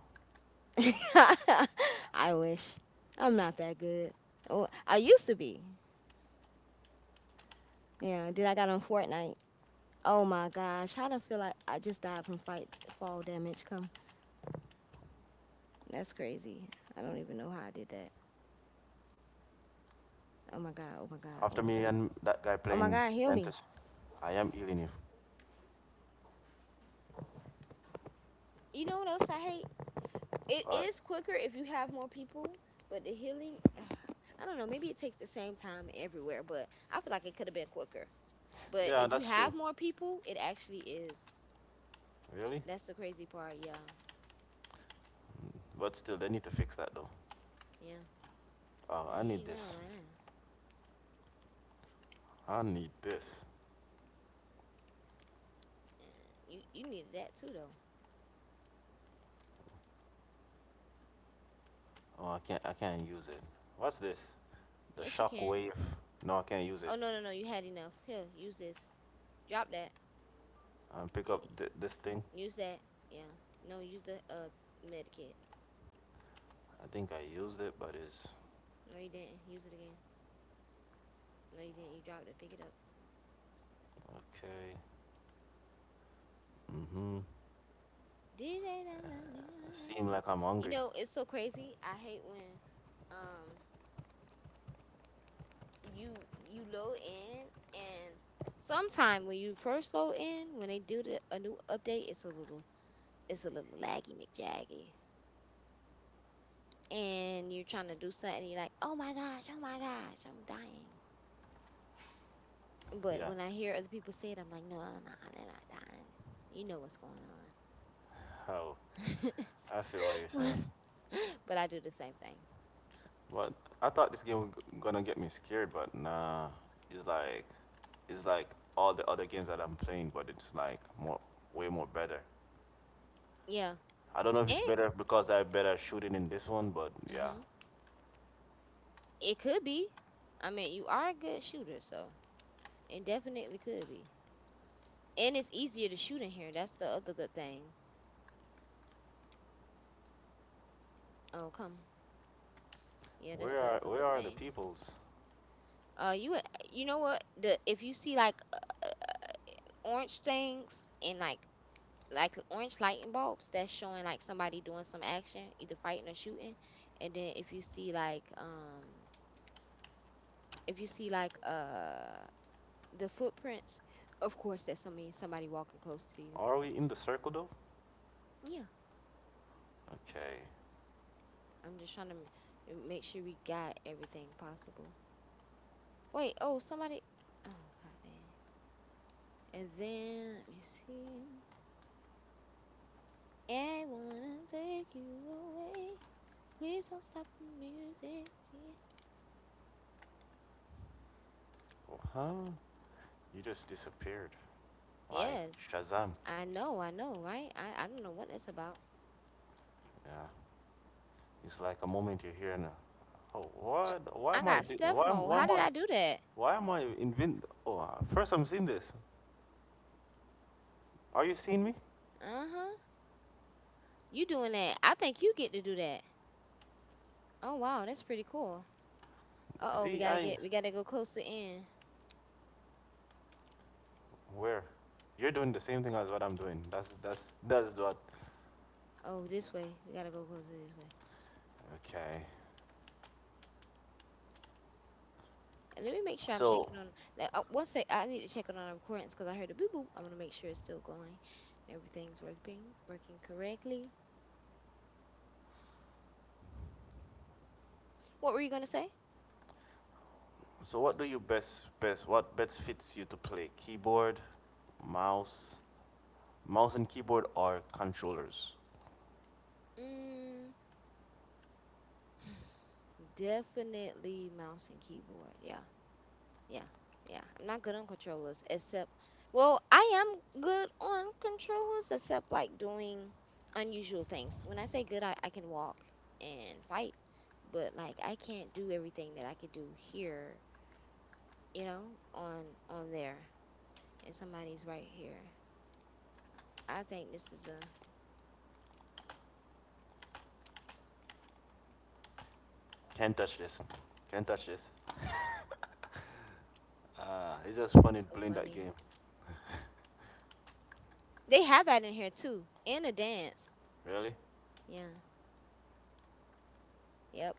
[SPEAKER 2] Yeah.
[SPEAKER 1] I wish. I'm not that good. Oh, I used to be. Yeah. Then I got on Fortnite. Oh my gosh. How do I feel like I just died from fight fall damage? Come. That's crazy. I don't even know how I did that. Oh my god. Oh my god. Oh
[SPEAKER 2] After
[SPEAKER 1] my
[SPEAKER 2] me
[SPEAKER 1] god.
[SPEAKER 2] and that guy
[SPEAKER 1] Oh my
[SPEAKER 2] playing
[SPEAKER 1] god. Heal me.
[SPEAKER 2] Plantis, I am healing you.
[SPEAKER 1] You know what else I hate? It
[SPEAKER 2] But
[SPEAKER 1] is quicker if you have more people, but the healing, I don't know, maybe it takes the same time everywhere, but I feel like it could have been quicker. But
[SPEAKER 2] yeah,
[SPEAKER 1] if you
[SPEAKER 2] that's true.
[SPEAKER 1] have more people, it actually is.
[SPEAKER 2] Really?
[SPEAKER 1] That's the crazy part, y'all.
[SPEAKER 2] Mm, But still, they need to fix that though.
[SPEAKER 1] Yeah.
[SPEAKER 2] Oh,
[SPEAKER 1] I
[SPEAKER 2] I need
[SPEAKER 1] ain't wrong about
[SPEAKER 2] this.
[SPEAKER 1] that.
[SPEAKER 2] I need this.
[SPEAKER 1] Uh, you needed that too though.
[SPEAKER 2] Oh, I can't. I can't use it. What's this? The
[SPEAKER 1] Yes you can.
[SPEAKER 2] shockwave. No, I can't use it.
[SPEAKER 1] Oh no no no, you had enough. Here, use this. Drop that.
[SPEAKER 2] And pick up
[SPEAKER 1] Eh,
[SPEAKER 2] this thing.
[SPEAKER 1] Use that. Yeah. No, use the medikit.
[SPEAKER 2] I think I used it, but it's
[SPEAKER 1] No you didn't. Use it again. No you didn't. You dropped it. Pick it up.
[SPEAKER 2] okay. Mm-hmm.
[SPEAKER 1] DJ love
[SPEAKER 2] Uh,
[SPEAKER 1] the
[SPEAKER 2] Seem
[SPEAKER 1] music.
[SPEAKER 2] like I'm
[SPEAKER 1] You
[SPEAKER 2] hungry.
[SPEAKER 1] know, it's so crazy. I hate when um you you load in and sometime when you first load in, when they do a new update, it's a little laggy McJaggy. And you're trying to do something, you're like, oh my gosh, I'm dying. But
[SPEAKER 2] Yeah,
[SPEAKER 1] when I hear other people say it, I'm like, no, no, they're not dying. You know what's going
[SPEAKER 2] how
[SPEAKER 1] on.
[SPEAKER 2] I feel what you're saying.
[SPEAKER 1] But I do the same thing.
[SPEAKER 2] But I thought this game was gonna get me scared, but nah. It's like it's like all the other games that I'm playing, but it's like more way more better.
[SPEAKER 1] Yeah.
[SPEAKER 2] I don't know if it's
[SPEAKER 1] And
[SPEAKER 2] better because I have better shooting in this one, but yeah.
[SPEAKER 1] mm-hmm. It could be. I mean, you are a good shooter, so it definitely could be. And it's easier to shoot in here. That's the other good thing. Oh, come. Yeah, that's
[SPEAKER 2] Where
[SPEAKER 1] the
[SPEAKER 2] are
[SPEAKER 1] other
[SPEAKER 2] where
[SPEAKER 1] good
[SPEAKER 2] are the
[SPEAKER 1] thing.
[SPEAKER 2] peoples?
[SPEAKER 1] You would, you know what? The If you see like orange things and like orange lightning bulbs, that's showing like somebody doing some action, either fighting or shooting. And then if you see like if you see like the footprints, of course that's something somebody walking close to you.
[SPEAKER 2] Are we in the circle though?
[SPEAKER 1] Yeah.
[SPEAKER 2] Okay.
[SPEAKER 1] I'm just trying to m- Make sure we got everything possible. Wait, oh, somebody. Oh, god dang. And then, let me see. I wanna take you away. Please don't stop the music. Dear.
[SPEAKER 2] Huh? You just disappeared, like
[SPEAKER 1] Yeah,
[SPEAKER 2] Shazam.
[SPEAKER 1] I know, right? I don't know what that's about.
[SPEAKER 2] Yeah, it's like a moment you're here now. Oh, what?
[SPEAKER 1] I got stealth mode. How did I do that?
[SPEAKER 2] Why am I invent? Oh, First I'm seeing this. Are you seeing me?
[SPEAKER 1] Uh huh. You doing that? I think you get to do that. Oh wow, that's pretty cool. Uh oh,
[SPEAKER 2] See, I
[SPEAKER 1] we gotta go closer in.
[SPEAKER 2] where? You're doing the same thing as what I'm doing. That's what.
[SPEAKER 1] Oh, this way. We gotta go closer this way.
[SPEAKER 2] Okay.
[SPEAKER 1] And let me make sure I'm
[SPEAKER 2] So
[SPEAKER 1] checking on that. One sec, I need to check on our recordings because I heard a boo boo. I am going to make sure it's still going, and everything's working correctly. What were you gonna say?
[SPEAKER 2] so what do you best best what best fits you to play? Keyboard, mouse, mouse and keyboard are controllers.
[SPEAKER 1] Mm, definitely mouse and keyboard. Yeah, yeah, yeah. I'm not good on controllers except, well, I am good on controllers except like doing unusual things. When I say good, I can walk and fight, but like I can't do everything that I could do here, you know, on there. And somebody's right here. I think this is a
[SPEAKER 2] Can't touch this. Can't touch this. It's just funny
[SPEAKER 1] that's so
[SPEAKER 2] playing that
[SPEAKER 1] funny.
[SPEAKER 2] game.
[SPEAKER 1] They have that in here too, and a dance.
[SPEAKER 2] Really?
[SPEAKER 1] Yeah, yep.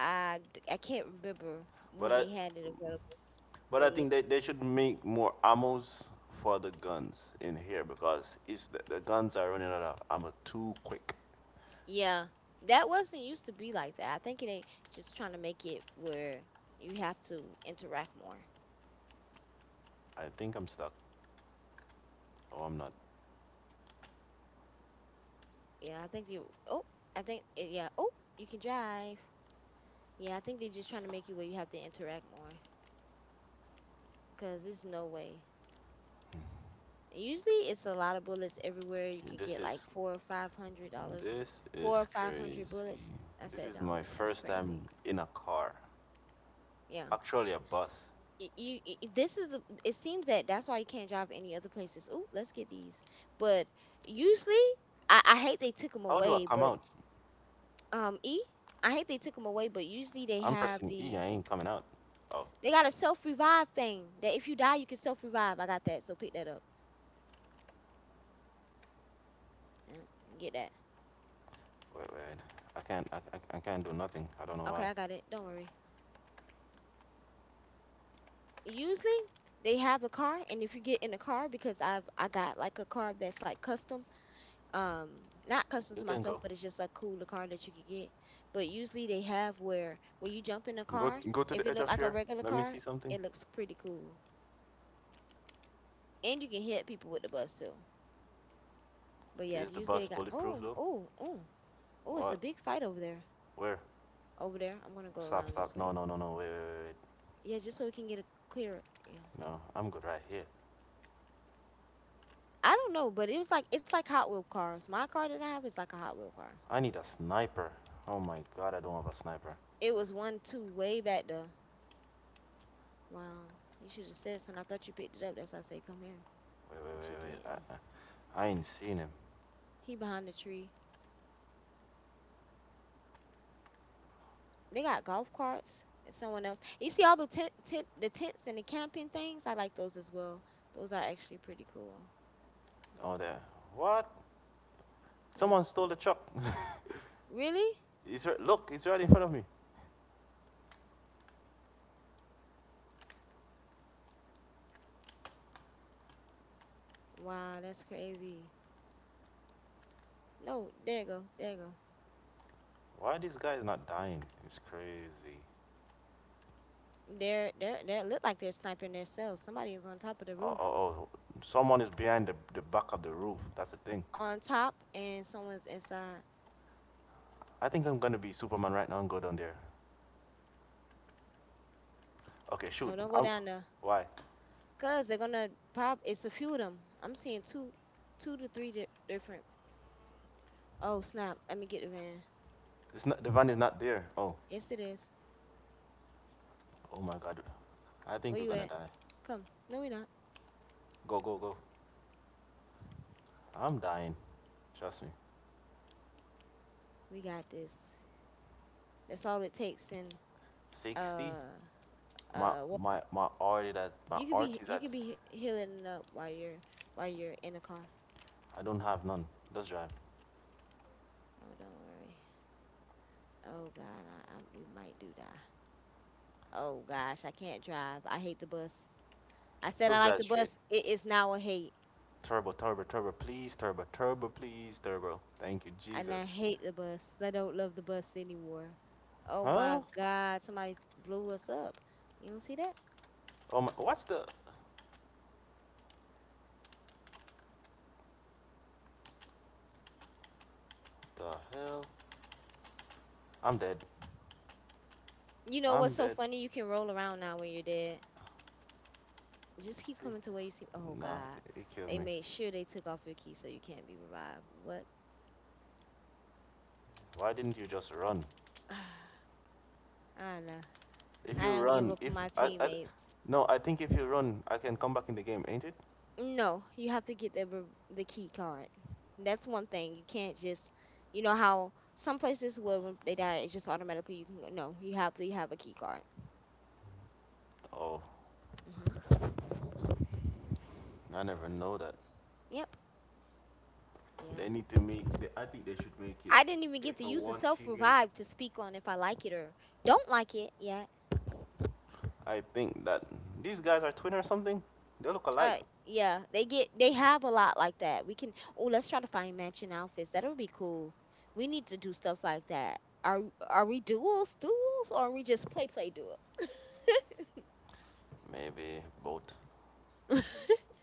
[SPEAKER 1] I can't remember
[SPEAKER 2] But
[SPEAKER 1] when
[SPEAKER 2] I,
[SPEAKER 1] they had it available,
[SPEAKER 2] but
[SPEAKER 1] but
[SPEAKER 2] I
[SPEAKER 1] yeah,
[SPEAKER 2] think they should make more ammos for the guns in here because the guns are running out of ammo too quick.
[SPEAKER 1] yeah, that wasn't used to be like that. I think they just trying to make it where you have to interact more.
[SPEAKER 2] I think I'm stuck. Oh, I'm not.
[SPEAKER 1] Yeah, I think you. Oh, I think yeah. Oh, you can drive. Yeah, I think they're just trying to make you where you have to interact more, because there's no way. Usually it's a lot of bullets everywhere. You can
[SPEAKER 2] This
[SPEAKER 1] get like
[SPEAKER 2] is,
[SPEAKER 1] four or five hundred dollars,
[SPEAKER 2] this
[SPEAKER 1] four or
[SPEAKER 2] is
[SPEAKER 1] five hundred
[SPEAKER 2] crazy.
[SPEAKER 1] bullets. I
[SPEAKER 2] This
[SPEAKER 1] said
[SPEAKER 2] is my
[SPEAKER 1] dollars. That's
[SPEAKER 2] first time
[SPEAKER 1] crazy.
[SPEAKER 2] in a car,
[SPEAKER 1] Yeah.
[SPEAKER 2] actually a bus.
[SPEAKER 1] This is the. It seems that that's why you can't drive any other places. Ooh, let's get these. But usually, I hate they took them
[SPEAKER 2] How do I
[SPEAKER 1] away.
[SPEAKER 2] come
[SPEAKER 1] But
[SPEAKER 2] out?
[SPEAKER 1] um, e, I hate they took them away. But usually they
[SPEAKER 2] I'm
[SPEAKER 1] have
[SPEAKER 2] pressing E.
[SPEAKER 1] the.
[SPEAKER 2] I ain't coming out. Oh,
[SPEAKER 1] They got a self revive thing that if you die you can self revive. I got that, so pick that up. Yeah, get that.
[SPEAKER 2] wait, wait. I can't. I can't do nothing. I don't know
[SPEAKER 1] Okay,
[SPEAKER 2] why.
[SPEAKER 1] I got it. Don't worry. Usually they have a car, and if you get in a car, because I've I got like a car that's like custom, um not custom to
[SPEAKER 2] You can
[SPEAKER 1] myself,
[SPEAKER 2] go.
[SPEAKER 1] but it's just a cooler car that you could get. But usually they have where when you jump in a
[SPEAKER 2] Go
[SPEAKER 1] car,
[SPEAKER 2] go to
[SPEAKER 1] if
[SPEAKER 2] the
[SPEAKER 1] it
[SPEAKER 2] edge
[SPEAKER 1] look
[SPEAKER 2] of
[SPEAKER 1] like a
[SPEAKER 2] here.
[SPEAKER 1] regular
[SPEAKER 2] Let me
[SPEAKER 1] car,
[SPEAKER 2] see something.
[SPEAKER 1] it looks pretty cool. And you can hit people with the bus too. But yeah,
[SPEAKER 2] Is the
[SPEAKER 1] usually they
[SPEAKER 2] bus
[SPEAKER 1] got
[SPEAKER 2] bulletproof
[SPEAKER 1] oh
[SPEAKER 2] though?
[SPEAKER 1] oh oh oh it's a
[SPEAKER 2] What?
[SPEAKER 1] big fight over there.
[SPEAKER 2] Where?
[SPEAKER 1] Over there, I'm gonna go
[SPEAKER 2] Stop,
[SPEAKER 1] around this
[SPEAKER 2] stop. No,
[SPEAKER 1] way.
[SPEAKER 2] no, no, no. Wait, wait, wait.
[SPEAKER 1] Yeah, just so we can get a clearer yeah.
[SPEAKER 2] No, I'm good right here.
[SPEAKER 1] I don't know, but it was like it's like hot wheel cars. My car that I have is like a hot wheel car.
[SPEAKER 2] I need a sniper. Oh my god, I don't have a sniper.
[SPEAKER 1] It was one two way back there. Wow. You should have said something. I thought you picked it up. That's why I say come here.
[SPEAKER 2] Wait, wait,
[SPEAKER 1] But you
[SPEAKER 2] wait, wait.
[SPEAKER 1] didn't.
[SPEAKER 2] I ain't seen him.
[SPEAKER 1] He behind the tree. They got golf carts and someone else. You see all the tent, tent the tents and the camping things? I like those as well. Those are actually pretty cool.
[SPEAKER 2] Oh, there. What?
[SPEAKER 1] Yeah.
[SPEAKER 2] Someone stole the truck.
[SPEAKER 1] Really?
[SPEAKER 2] Look, he's right in front of me.
[SPEAKER 1] Wow, that's crazy. No, there you go. There you go.
[SPEAKER 2] Why are these guys not dying? It's crazy.
[SPEAKER 1] They're they look like they're sniping themselves. Somebody is on top of the
[SPEAKER 2] Oh,
[SPEAKER 1] roof.
[SPEAKER 2] oh, oh. Someone is behind the back of the roof. That's the thing.
[SPEAKER 1] On top and someone's inside.
[SPEAKER 2] I think I'm gonna be Superman right now and go down there. Okay, shoot.
[SPEAKER 1] No, don't go
[SPEAKER 2] I'm.
[SPEAKER 1] down there.
[SPEAKER 2] Why?
[SPEAKER 1] Cause they're gonna prob it's a few of them. I'm seeing two to three different. Oh snap! Let me get the van.
[SPEAKER 2] It's not The van is not there. Oh,
[SPEAKER 1] Yes, it is.
[SPEAKER 2] oh my god. I think
[SPEAKER 1] Where
[SPEAKER 2] we're
[SPEAKER 1] you
[SPEAKER 2] gonna
[SPEAKER 1] at?
[SPEAKER 2] die.
[SPEAKER 1] Come. No, we not.
[SPEAKER 2] Go go go. I'm dying. Trust me.
[SPEAKER 1] We got this. That's all it takes. And
[SPEAKER 2] 60?
[SPEAKER 1] uh,
[SPEAKER 2] My
[SPEAKER 1] what?
[SPEAKER 2] my my art is at
[SPEAKER 1] You could be healing it up while you're in the car.
[SPEAKER 2] I don't have none. Let's drive.
[SPEAKER 1] Oh, don't worry. Oh God, I we might do die. Oh
[SPEAKER 2] Yeah.
[SPEAKER 1] gosh, I can't drive. I hate the bus. I said
[SPEAKER 2] Let's
[SPEAKER 1] I like
[SPEAKER 2] drive
[SPEAKER 1] the
[SPEAKER 2] straight.
[SPEAKER 1] bus. It is now a hate.
[SPEAKER 2] Turbo, turbo, turbo, please, turbo, turbo, please, turbo. Thank you,
[SPEAKER 1] And
[SPEAKER 2] Jesus.
[SPEAKER 1] I hate the bus. I don't love the bus anymore. Oh my
[SPEAKER 2] Huh?
[SPEAKER 1] God, somebody blew us up. You don't see that?
[SPEAKER 2] Oh my what's the hell? I'm dead.
[SPEAKER 1] You know
[SPEAKER 2] I'm
[SPEAKER 1] what's so
[SPEAKER 2] dead.
[SPEAKER 1] funny? You can roll around now when you're dead. Just keep
[SPEAKER 2] See?
[SPEAKER 1] coming to where you see. Oh
[SPEAKER 2] Nah,
[SPEAKER 1] God,
[SPEAKER 2] it killed
[SPEAKER 1] they
[SPEAKER 2] me.
[SPEAKER 1] made sure they took off your key so you can't be revived. What?
[SPEAKER 2] Why didn't you just run?
[SPEAKER 1] I don't know.
[SPEAKER 2] If
[SPEAKER 1] I
[SPEAKER 2] you
[SPEAKER 1] don't give
[SPEAKER 2] run,
[SPEAKER 1] up
[SPEAKER 2] if
[SPEAKER 1] on my
[SPEAKER 2] I, I,
[SPEAKER 1] teammates.
[SPEAKER 2] No, I think if you run, I can come back in the game, ain't it?
[SPEAKER 1] No, you have to get the key card. That's one thing. You can't just, you know how some places where when they die, it's just automatically you can go. No, you have to have a key card.
[SPEAKER 2] Oh,
[SPEAKER 1] Hmm.
[SPEAKER 2] I never know that.
[SPEAKER 1] Yep.
[SPEAKER 2] They
[SPEAKER 1] Yeah.
[SPEAKER 2] need to make. They, I think they should make it.
[SPEAKER 1] I didn't even
[SPEAKER 2] If
[SPEAKER 1] get to
[SPEAKER 2] a
[SPEAKER 1] use the
[SPEAKER 2] one
[SPEAKER 1] self
[SPEAKER 2] teammate,
[SPEAKER 1] revive to speak on if I like it or don't like it yet.
[SPEAKER 2] I think that these guys are twin or something. They look alike.
[SPEAKER 1] Uh yeah, they have a lot like that. We can oh let's try to find matching outfits. That would be cool. We need to do stuff like that. Are we duels, or are we just play duels?
[SPEAKER 2] Maybe both.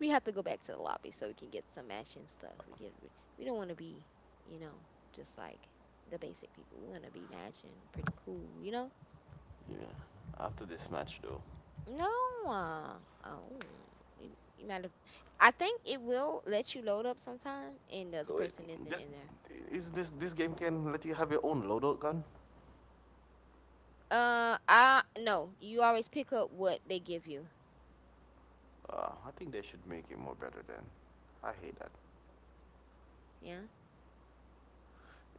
[SPEAKER 1] We have to go back to the lobby so we can get some matching stuff. We get we don't want to be you know just like the basic people. We want to be matching pretty cool, you know.
[SPEAKER 2] Yeah. After this match, though.
[SPEAKER 1] No. uh, Oh, you, you might have. I think it will let you load up sometime, and the other
[SPEAKER 2] So it,
[SPEAKER 1] person isn't
[SPEAKER 2] this
[SPEAKER 1] in there.
[SPEAKER 2] is this this game can let you have your own loadout gun.
[SPEAKER 1] I no. You always pick up what they give you.
[SPEAKER 2] I think they should make it more better then. I hate that.
[SPEAKER 1] Yeah.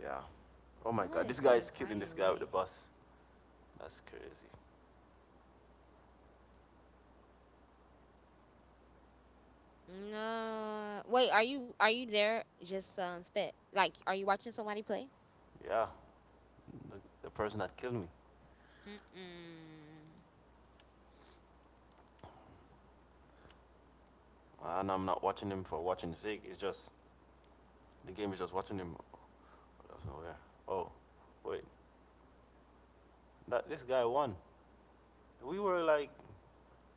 [SPEAKER 2] Yeah. Oh my god,
[SPEAKER 1] Somebody
[SPEAKER 2] this guy
[SPEAKER 1] sent a
[SPEAKER 2] is killing
[SPEAKER 1] party
[SPEAKER 2] this guy with the
[SPEAKER 1] invite.
[SPEAKER 2] bus. That's crazy.
[SPEAKER 1] No. Wait. Are you there? Just spec. Like, are you watching somebody play?
[SPEAKER 2] Yeah, the, the person that killed me,
[SPEAKER 1] Mm-mm.
[SPEAKER 2] and I'm not watching him for watching sake. It's just the game is just watching him. That's Oh, wait, that this guy won. We were like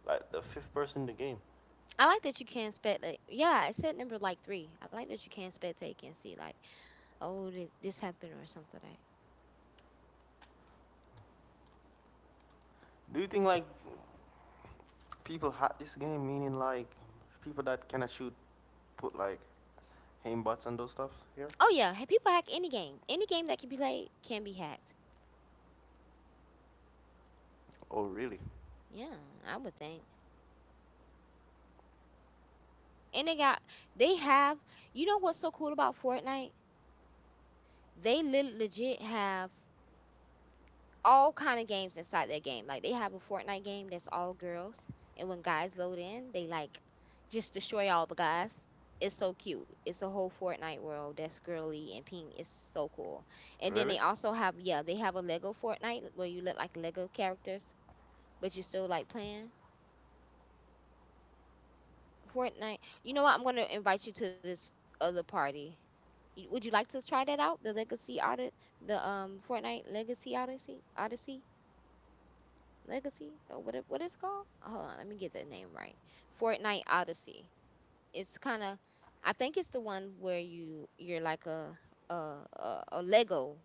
[SPEAKER 2] like the fifth person in the game.
[SPEAKER 1] I like that you can spec. Like, yeah, it said number like three. I like that you can spectate and see like, oh, this happened or something like that.
[SPEAKER 2] Do you think like people hack this game? Meaning like people that cannot shoot put like aim bots and those stuff here?
[SPEAKER 1] Oh yeah, hey, people hack any game. Any game that can be played can be hacked.
[SPEAKER 2] Oh, really?
[SPEAKER 1] Yeah, I would think. And they got they have. You know what's so cool about Fortnite? They legit have all kind of games inside their game. Like they have a Fortnite game that's all girls, and when guys load in, they like just destroy all the guys. It's so cute. It's a whole Fortnite world that's girly and pink. It's so cool. And then
[SPEAKER 2] Really?
[SPEAKER 1] they also have yeah, they have a Lego Fortnite where you look like Lego characters, but you still like playing Fortnite. You know what? I'm gonna invite you to this other party. You- Would you like to try that out? The Legacy Odyssey, the Fortnite Legacy Odyssey, Odyssey Legacy, or what it, what it's called? Hold on, let me get the name right. Fortnite Odyssey. It's kind of, I think it's the one where you're like a Lego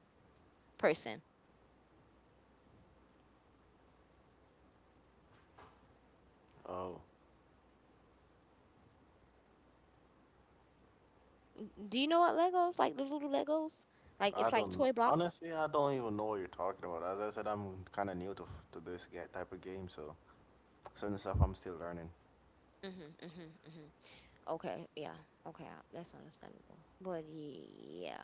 [SPEAKER 1] person.
[SPEAKER 2] Oh,
[SPEAKER 1] Do you know what Legos like? The little Legos, like it's
[SPEAKER 2] I
[SPEAKER 1] like
[SPEAKER 2] don't
[SPEAKER 1] toy
[SPEAKER 2] know.
[SPEAKER 1] blocks.
[SPEAKER 2] Honestly, I don't even know what you're talking about. As I said, I'm kind of new to this type of game, so certain stuff I'm still learning.
[SPEAKER 1] Mhm, mhm, mhm. Okay, yeah. Okay, that's understandable. But yeah.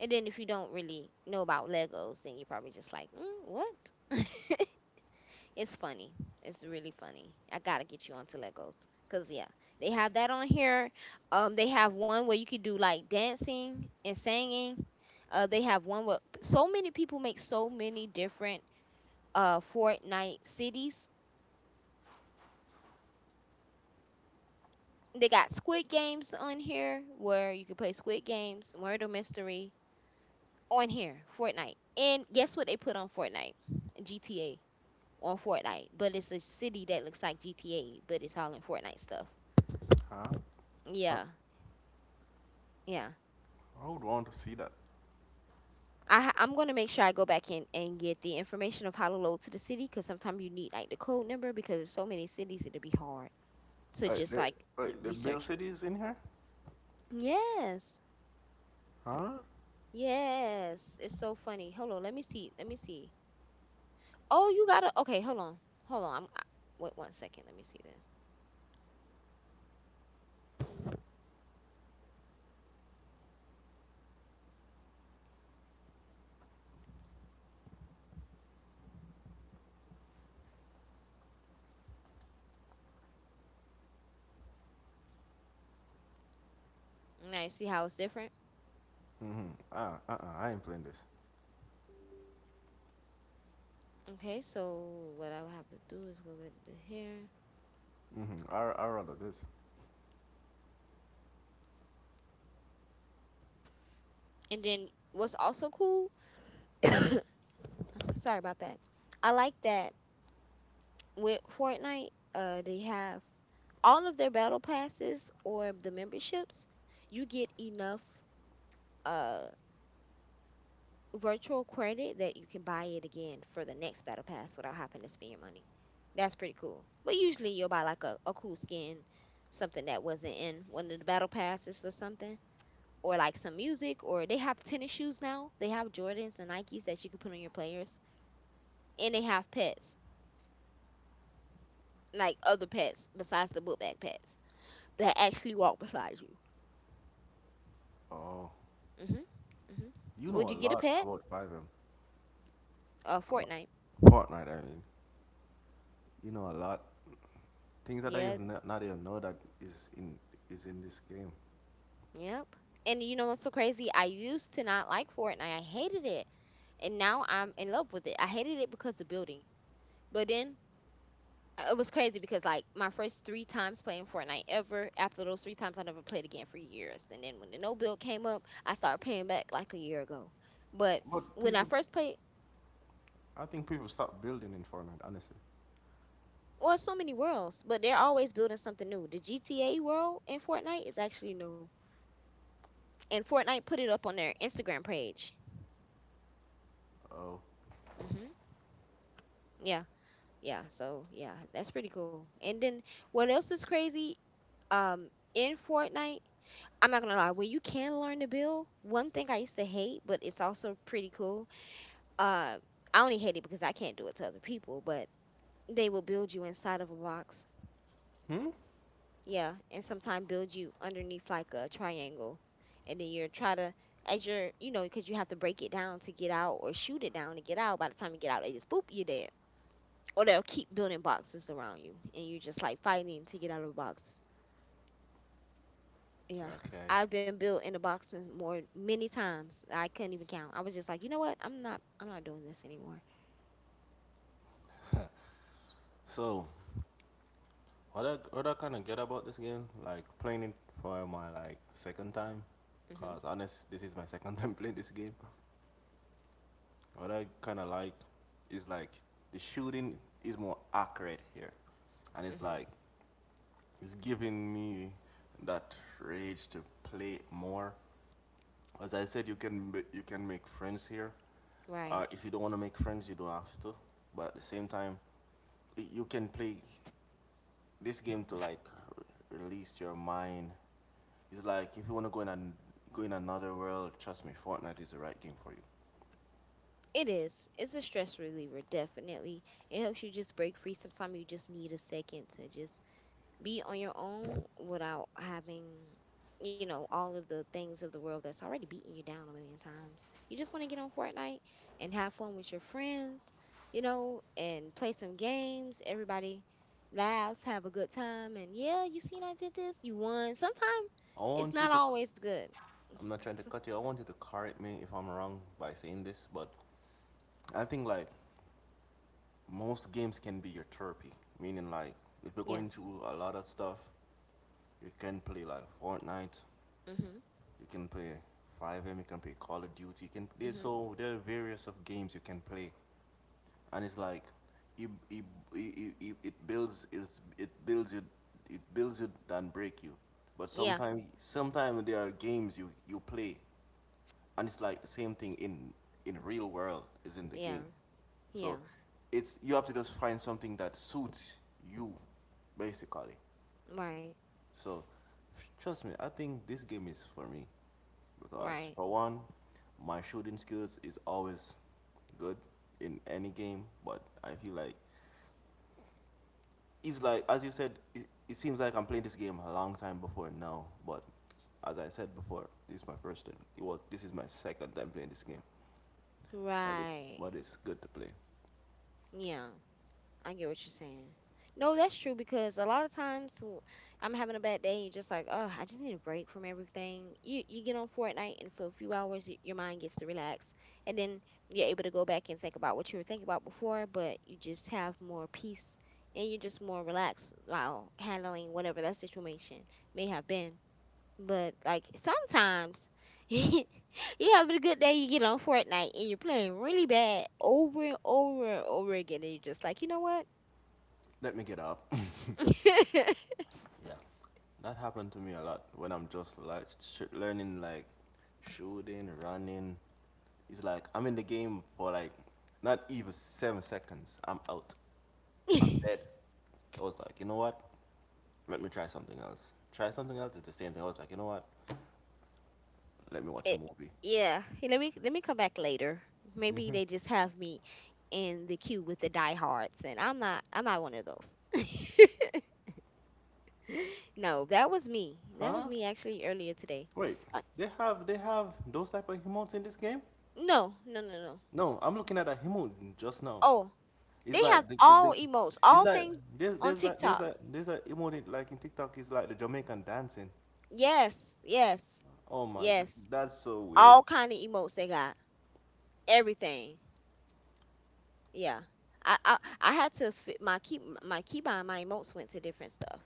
[SPEAKER 1] And then if you don't really know about Legos, then you're probably just like, mm, what? It's funny. It's really funny. I gotta get you onto Legos. Cause yeah, they have that on here. They have one where you could do like dancing and singing. They have one where so many people make so many different Fortnite cities. They got Squid Games on here where you can play Squid Games, Murder Mystery, on here, Fortnite. And guess what they put on Fortnite? GTA on Fortnite. But it's a city that looks like GTA, but it's all in Fortnite stuff.
[SPEAKER 2] Huh?
[SPEAKER 1] Yeah, yeah.
[SPEAKER 2] I would want to see that.
[SPEAKER 1] I'm going to make sure I go back in and get the information of how to load to the city because sometimes you need like the code number because there's so many cities it'll be hard to
[SPEAKER 2] Wait,
[SPEAKER 1] just
[SPEAKER 2] the,
[SPEAKER 1] like
[SPEAKER 2] Wait, the Bill
[SPEAKER 1] research.
[SPEAKER 2] City is in here?
[SPEAKER 1] Yes,
[SPEAKER 2] Huh?
[SPEAKER 1] yes. It's so funny. Hold on, let me see. Let me see. Oh, you gotta. Okay, hold on, hold on. Wait 1 second. Let me see this. Now you see how it's different.
[SPEAKER 2] Mm-hmm. Uh-uh, I ain't playing this.
[SPEAKER 1] Okay, so what I would have to do is go get the hair.
[SPEAKER 2] Mm-hmm. I rather this.
[SPEAKER 1] And then what's also cool, sorry about that. I like that with Fortnite, they have all of their battle passes or the memberships, you get enough uh virtual credit that you can buy it again for the next battle pass without having to spend your money. That's pretty cool. But usually you'll buy like a cool skin, something that wasn't in one of the battle passes or something, or like some music or they have tennis shoes now. They have Jordans and Nikes that you can put on your players. And they have pets, like other pets besides the book bag pets that actually walk beside you.
[SPEAKER 2] Oh,
[SPEAKER 1] Mhm. Mhm.
[SPEAKER 2] you
[SPEAKER 1] Would
[SPEAKER 2] know a
[SPEAKER 1] you get a
[SPEAKER 2] lot
[SPEAKER 1] pet?
[SPEAKER 2] about 5M. Uh,
[SPEAKER 1] Fortnite.
[SPEAKER 2] Fortnite, I mean. You know a lot. Things that I
[SPEAKER 1] Yeah.
[SPEAKER 2] even not, not even know that is in this game.
[SPEAKER 1] Yep. And you know what's so crazy? I used to not like Fortnite. I hated it. And now I'm in love with it. I hated it because of the building. But then it was crazy because like my first three times playing Fortnite ever, after those three times I never played again for years. And then when the no bill came up, I started paying back like a year ago. But
[SPEAKER 2] But
[SPEAKER 1] when I
[SPEAKER 2] people,
[SPEAKER 1] first played
[SPEAKER 2] I think people stop building in Fortnite, honestly.
[SPEAKER 1] well, it's so many worlds, but they're always building something new. The GTA world in Fortnite is actually new. And Fortnite put it up on their Instagram page.
[SPEAKER 2] Oh.
[SPEAKER 1] Hmm. Yeah. Yeah. So yeah, that's pretty cool. And then what else is crazy? Um in Fortnite I'm not gonna lie, when you can learn to build, one thing I used to hate, but it's also pretty cool. Uh, I only hate it because I can't do it to other people, but they will build you inside of a box.
[SPEAKER 2] Hmm?
[SPEAKER 1] Yeah, and sometimes build you underneath like a triangle, and then you're, because you have to break it down to get out or shoot it down to get out. By the time you get out, they just boop, you're dead. Or they'll keep building boxes around you, and you're just like fighting to get out of the box. Yeah,
[SPEAKER 2] Okay.
[SPEAKER 1] I've been built in the box and more many times. I couldn't even count. I was just like, you know what? I'm not. I'm not doing this anymore.
[SPEAKER 2] So, what I kind of get about this game, like playing it for my like second time,
[SPEAKER 1] Mhm.
[SPEAKER 2] cause honest, this is my second time playing this game. What I kind of like is like the shooting is more accurate here, and it's
[SPEAKER 1] Mhm.
[SPEAKER 2] like it's giving me that rage to play more. As I said, you can make friends here.
[SPEAKER 1] Right.
[SPEAKER 2] If you don't want to make friends, you don't have to. But at the same time, you can play this game to like r- release your mind. It's like, if you want to go in another world, trust me, Fortnite is the right game for you.
[SPEAKER 1] It is. It's a stress reliever, definitely. It helps you just break free. Sometimes you just need a second to just be on your own without having, you know, all of the things of the world that's already beating you down a million times. You just want to get on Fortnite and have fun with your friends, you know, and play some games. Everybody laughs, have a good time, and yeah, you seen I did this, you won. Sometimes
[SPEAKER 2] I
[SPEAKER 1] it's
[SPEAKER 2] want you
[SPEAKER 1] not
[SPEAKER 2] to. C-
[SPEAKER 1] always good. S-
[SPEAKER 2] I'm not trying to
[SPEAKER 1] s-
[SPEAKER 2] cut you. I want you to correct me if I'm wrong by saying this, but I think like most games can be your therapy. Meaning like if you're
[SPEAKER 1] yeah.
[SPEAKER 2] going through a lot of stuff, you can play like Fortnite.
[SPEAKER 1] Mhm.
[SPEAKER 2] You can play 5M. You can play Call of Duty. You can play,
[SPEAKER 1] Mhm.
[SPEAKER 2] so there are various of games you can play, and it's like it it, it, it it builds you it builds you than break you, but
[SPEAKER 1] Yeah.
[SPEAKER 2] sometimes there are games you play, and it's like the same thing in real world is in the game,
[SPEAKER 1] Yeah.
[SPEAKER 2] so
[SPEAKER 1] Yeah.
[SPEAKER 2] it's you have to just find something that suits you basically,
[SPEAKER 1] Right.
[SPEAKER 2] so trust me, I think this game is for me, because
[SPEAKER 1] Right.
[SPEAKER 2] for one, my shooting skills is always good in any game, but I feel like it's like as you said, it seems like I'm playing this game a long time before now. But as I said before, this is my first time. It was This is my second time playing this game. But it's
[SPEAKER 1] Right.
[SPEAKER 2] but it's good to play.
[SPEAKER 1] Yeah. I get what you're saying. No, that's true because a lot of times I'm having a bad day you're just like, oh, I just need a break from everything. You get on Fortnite and for a few hours your mind gets to relax and then you're able to go back and think about what you were thinking about before, but you just have more peace and you're just more relaxed while handling whatever that situation may have been. But like sometimes you're having a good day, you get on Fortnite and you're playing really bad over and over and over again and you're just like, you know what?
[SPEAKER 2] Let me get up.
[SPEAKER 1] it,
[SPEAKER 2] That happened to me a lot when I'm just like learning like shooting, running. It's like I'm in the game for like not even 7 seconds. I'm out. I'm dead. I was like, you know what? Let me try something else. Try something else. Is the same thing. I was like, you know what? Let me watch a movie.
[SPEAKER 1] yeah, hey, let me come back later. Maybe they just have me in the queue with the diehards, and I'm not one of those. No, that was me. That was
[SPEAKER 2] Huh?
[SPEAKER 1] me actually earlier today.
[SPEAKER 2] Wait,
[SPEAKER 1] Uh,
[SPEAKER 2] they have those type of emotes in this game?
[SPEAKER 1] no, no, no, no.
[SPEAKER 2] No, I'm looking at a emote just now.
[SPEAKER 1] Oh,
[SPEAKER 2] It's
[SPEAKER 1] they
[SPEAKER 2] like
[SPEAKER 1] have all emotes,
[SPEAKER 2] it's
[SPEAKER 1] all
[SPEAKER 2] like
[SPEAKER 1] things
[SPEAKER 2] there's
[SPEAKER 1] on
[SPEAKER 2] there's like there's a
[SPEAKER 1] TikTok.
[SPEAKER 2] there's a emote like in TikTok. It's like the Jamaican dancing.
[SPEAKER 1] Yes, yes,
[SPEAKER 2] Oh my,
[SPEAKER 1] yes.
[SPEAKER 2] that's so weird.
[SPEAKER 1] All kind of emotes they got. Everything. Yeah. I had to fit my key behind my emotes went to different stuff.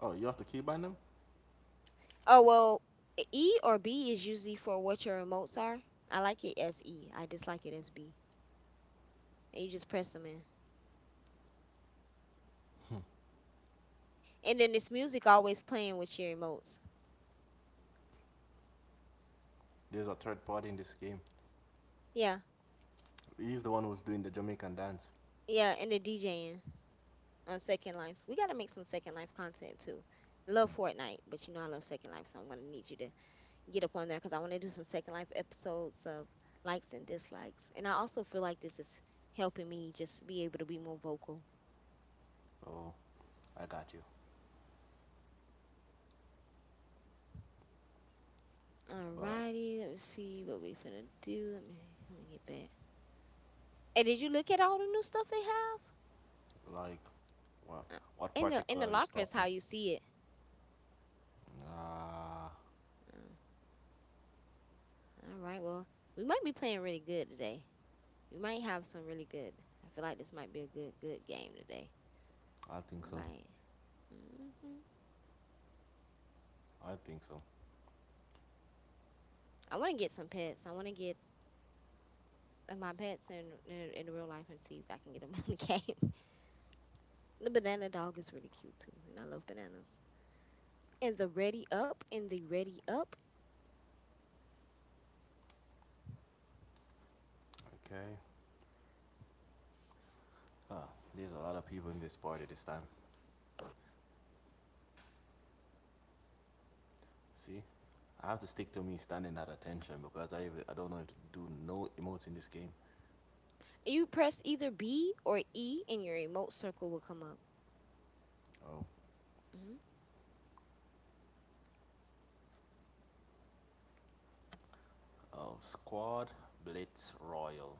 [SPEAKER 2] Oh, you have to keybind them?
[SPEAKER 1] Oh well, E or B is usually for what your remotes are. I like it as E. I dislike it as B. And you just press them in. And then it's music always playing with your remotes.
[SPEAKER 2] There's a third party in this game.
[SPEAKER 1] Yeah,
[SPEAKER 2] He's the one who's doing the Jamaican dance.
[SPEAKER 1] yeah, and the DJing on Second Life. We gotta make some Second Life content too.
[SPEAKER 2] Hmm.
[SPEAKER 1] Love Fortnite, but you know I love Second Life, so I'm gonna need you to get up on there because I want to do some Second Life episodes of likes and dislikes. And I also feel like this is helping me just be able to be more vocal.
[SPEAKER 2] Oh, I got you. But
[SPEAKER 1] Alrighty, let me see what we finna do. Let me get back. And did you look at all the new stuff they
[SPEAKER 2] like, well,
[SPEAKER 1] have?
[SPEAKER 2] what
[SPEAKER 1] In the
[SPEAKER 2] particular is
[SPEAKER 1] locker is
[SPEAKER 2] talking?
[SPEAKER 1] how you see it.
[SPEAKER 2] Ah,
[SPEAKER 1] Uh, all right, well, we might be playing really good today. We might have some really good. I feel like this might be a good good game today.
[SPEAKER 2] I think
[SPEAKER 1] We
[SPEAKER 2] so.
[SPEAKER 1] might. Hmm.
[SPEAKER 2] I think so.
[SPEAKER 1] I want to get some pets. I want to get my pets in, in real life and see if I can get them on the game. The banana dog is really cute too, and I love bananas. And the ready up, and the ready up.
[SPEAKER 2] Okay. Huh, there's a lot of people in this party this time. See, I have to stick to me standing at attention because I don't know if to do no emotes in this game.
[SPEAKER 1] You press either B or E, and your emote circle will come up.
[SPEAKER 2] Oh.
[SPEAKER 1] Hmm.
[SPEAKER 2] Oh, squad blitz royal.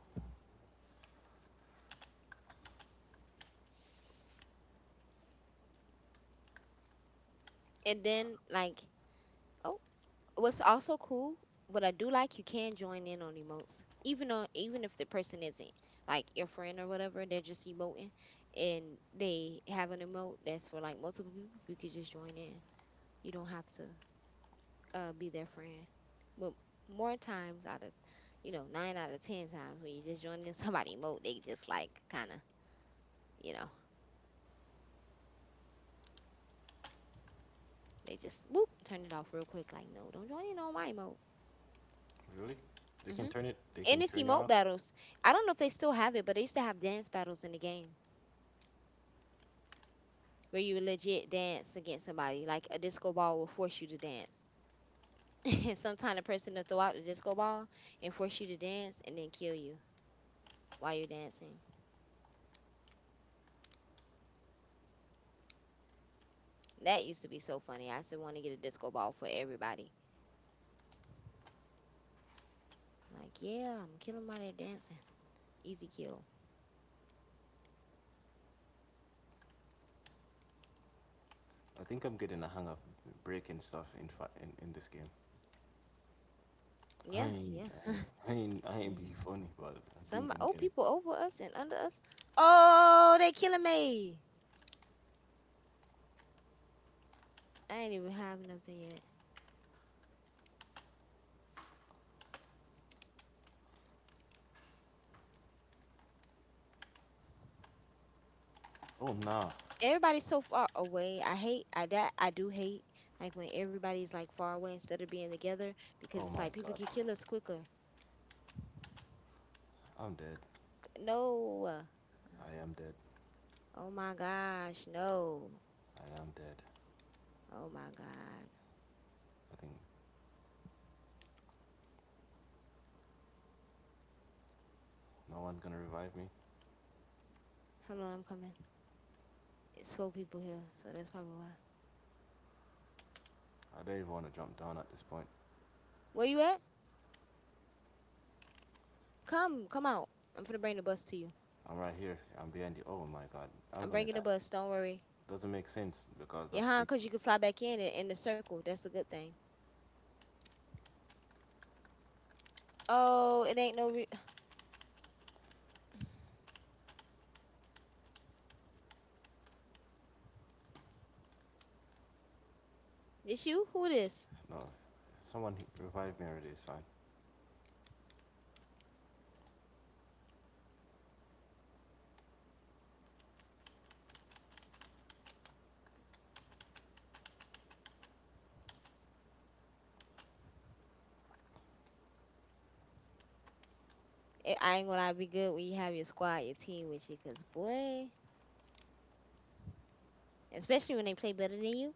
[SPEAKER 1] And then like. Oh, what's also cool, what I do like, you can join in on emotes even though, even if the person isn't like your friend or whatever, they're just emoting, and they have an emote that's for like multiple people, you could just join in. You don't have to be their friend. But more times out of, you know, 9 out of 10 times when you just join in somebody emote, they just like kind of, you know, they just whoop turn it off real quick like no, don't join in on my emote.
[SPEAKER 2] Really? They can
[SPEAKER 1] Hmm.
[SPEAKER 2] turn it. They
[SPEAKER 1] And
[SPEAKER 2] can
[SPEAKER 1] it's
[SPEAKER 2] turn you
[SPEAKER 1] emote
[SPEAKER 2] off.
[SPEAKER 1] battles. I don't know if they still have it, but they used to have dance battles in the game, where you legit dance against somebody. Like a disco ball will force you to dance. And sometimes the person will throw out the disco ball and force you to dance and then kill you while you're dancing. That used to be so funny. I used to want to get a disco ball for everybody. Like, yeah, I'm killing by their dancing. Easy kill.
[SPEAKER 2] I think I'm getting a hang of breaking stuff in this game. I
[SPEAKER 1] Yeah,
[SPEAKER 2] ain't,
[SPEAKER 1] yeah.
[SPEAKER 2] I ain't, I ain't, I
[SPEAKER 1] Yeah.
[SPEAKER 2] ain't be funny, but I think
[SPEAKER 1] Some
[SPEAKER 2] I'm
[SPEAKER 1] old
[SPEAKER 2] getting.
[SPEAKER 1] people over us and under us. Oh, they killing me. I ain't even have nothing yet.
[SPEAKER 2] Oh nah.
[SPEAKER 1] Everybody's so far away. I do hate like when everybody's like far away instead of being together because
[SPEAKER 2] Oh
[SPEAKER 1] it's
[SPEAKER 2] my
[SPEAKER 1] like people
[SPEAKER 2] god.
[SPEAKER 1] can kill us quicker.
[SPEAKER 2] I'm dead.
[SPEAKER 1] No.
[SPEAKER 2] I am dead.
[SPEAKER 1] Oh my gosh, no.
[SPEAKER 2] I am dead.
[SPEAKER 1] Oh my god.
[SPEAKER 2] I think no one's gonna revive me.
[SPEAKER 1] Hold on, I'm coming. It's 4 people here, so that's probably why.
[SPEAKER 2] I don't even want to jump down at this point.
[SPEAKER 1] Where you at? Come, come out. I'm finna bring the bus to you.
[SPEAKER 2] I'm right here. I'm behind you. Oh my god, I'm
[SPEAKER 1] I'm
[SPEAKER 2] gonna
[SPEAKER 1] bringing the
[SPEAKER 2] die.
[SPEAKER 1] bus. Don't worry.
[SPEAKER 2] Doesn't make sense because
[SPEAKER 1] Yeah,
[SPEAKER 2] that
[SPEAKER 1] huh?
[SPEAKER 2] thing.
[SPEAKER 1] Cause you can fly back in it in the circle. That's a good thing. Oh, it ain't no. This you? Who this?
[SPEAKER 2] No, someone revive me already. It's fine.
[SPEAKER 1] I ain't gonna lie, be good when you have your squad, your team with you, cause boy, especially when they play better than you.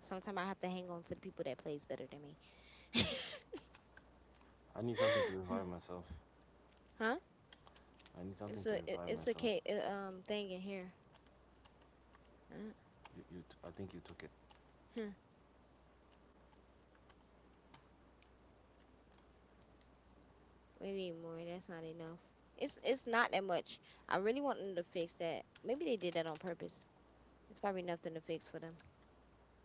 [SPEAKER 1] Sometimes I have to hang on to the people that plays better than me.
[SPEAKER 2] I need something to revive myself.
[SPEAKER 1] Huh?
[SPEAKER 2] I need something to revive
[SPEAKER 1] It's a
[SPEAKER 2] myself.
[SPEAKER 1] thing in here. Huh?
[SPEAKER 2] I think you took it.
[SPEAKER 1] Huh. We need more. That's not enough. It's not that much. I really want them to fix that. Maybe they did that on purpose. It's probably nothing to fix for them.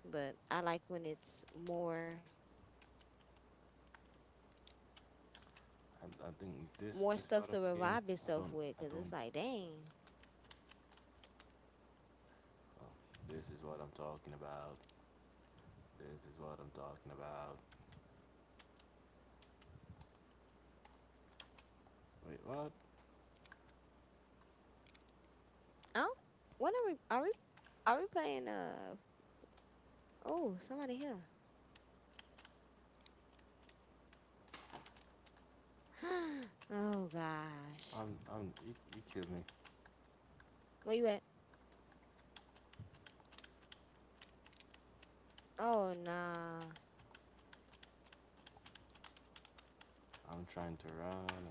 [SPEAKER 1] But I like when it's
[SPEAKER 2] I think this
[SPEAKER 1] more
[SPEAKER 2] this
[SPEAKER 1] stuff
[SPEAKER 2] part
[SPEAKER 1] to
[SPEAKER 2] of the game.
[SPEAKER 1] revive
[SPEAKER 2] I
[SPEAKER 1] yourself
[SPEAKER 2] don't.
[SPEAKER 1] with,
[SPEAKER 2] I
[SPEAKER 1] cause it's
[SPEAKER 2] don't.
[SPEAKER 1] like, dang,
[SPEAKER 2] Oh, this is what I'm talking about. This is what I'm talking about. Wait, what?
[SPEAKER 1] oh, what are we? Are we playing oh, somebody here. Oh gosh.
[SPEAKER 2] I'm. I'm. You killed me.
[SPEAKER 1] Where you at? Oh nah.
[SPEAKER 2] I'm trying to run.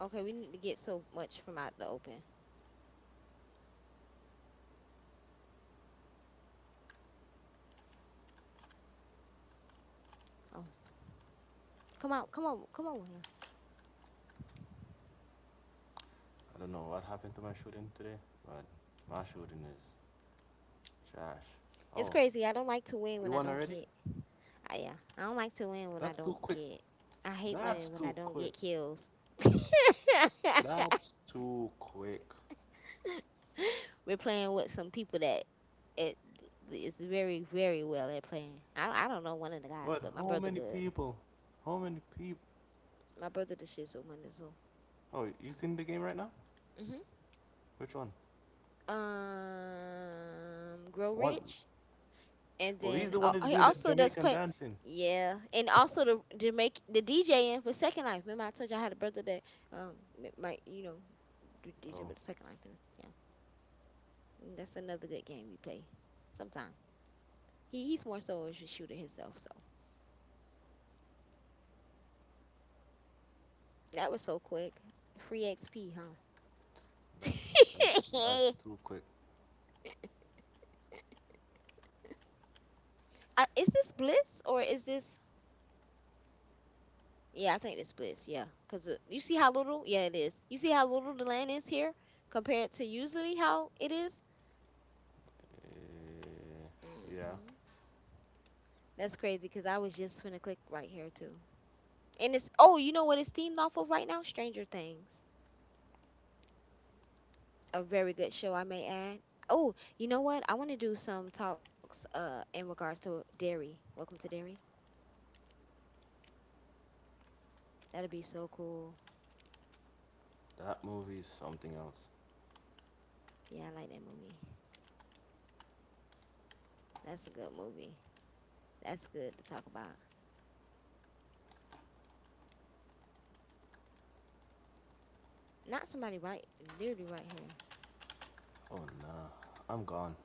[SPEAKER 1] Okay, we need to get so much from out the open. Oh. Come on, come on, come on here.
[SPEAKER 2] I don't know what happened to my shooting today, but my shooting is trash.
[SPEAKER 1] It's
[SPEAKER 2] Oh,
[SPEAKER 1] crazy. I don't like to win
[SPEAKER 2] we
[SPEAKER 1] when I
[SPEAKER 2] won
[SPEAKER 1] don't
[SPEAKER 2] already?
[SPEAKER 1] get I, yeah. I don't like to win when I
[SPEAKER 2] That's too
[SPEAKER 1] don't
[SPEAKER 2] quick.
[SPEAKER 1] get. I hate
[SPEAKER 2] That's
[SPEAKER 1] winning when I
[SPEAKER 2] too
[SPEAKER 1] don't
[SPEAKER 2] quick.
[SPEAKER 1] get kills.
[SPEAKER 2] That's too quick.
[SPEAKER 1] We're playing with some people that it is very, very well at playing. I don't know one of the guys,
[SPEAKER 2] What?
[SPEAKER 1] but my
[SPEAKER 2] How
[SPEAKER 1] brother
[SPEAKER 2] many
[SPEAKER 1] good.
[SPEAKER 2] people? How many people?
[SPEAKER 1] My brother the shit shizzle, my.
[SPEAKER 2] Oh, he's in the game right now?
[SPEAKER 1] Mhm.
[SPEAKER 2] Which one?
[SPEAKER 1] Grow
[SPEAKER 2] One.
[SPEAKER 1] rich, and
[SPEAKER 2] Oh, he's
[SPEAKER 1] then
[SPEAKER 2] the one who's
[SPEAKER 1] he
[SPEAKER 2] doing the
[SPEAKER 1] also does
[SPEAKER 2] Jamaican
[SPEAKER 1] play.
[SPEAKER 2] dancing.
[SPEAKER 1] Yeah, and also the to make the DJing for Second Life. Remember, I told you I had a brother that um might do DJ
[SPEAKER 2] Oh,
[SPEAKER 1] with Second Life. And yeah, and that's another good game we play sometime. He's more so a shooter himself. So that was so quick. Free XP,
[SPEAKER 2] that's that's that's
[SPEAKER 1] huh?
[SPEAKER 2] too quick.
[SPEAKER 1] Is this blitz or is this? Yeah, I think it's bliss. Yeah, because you see how little. Yeah, it is. You see how little the land is here compared to usually how it is.
[SPEAKER 2] Eh, yeah,
[SPEAKER 1] Mm-hmm. That's crazy because I was just gonna click right here too. And it's, oh, you know what it's themed off of right now? Stranger Things, a very good show, I may add. Oh, you know what? I want to do some talks in regards to Dairy. Welcome to Dairy. That'd be so cool.
[SPEAKER 2] that movie is something else.
[SPEAKER 1] Yeah, I like that movie. That's a good movie. That's good to talk about. Not somebody right, literally right here.
[SPEAKER 2] Oh nah, I'm gone.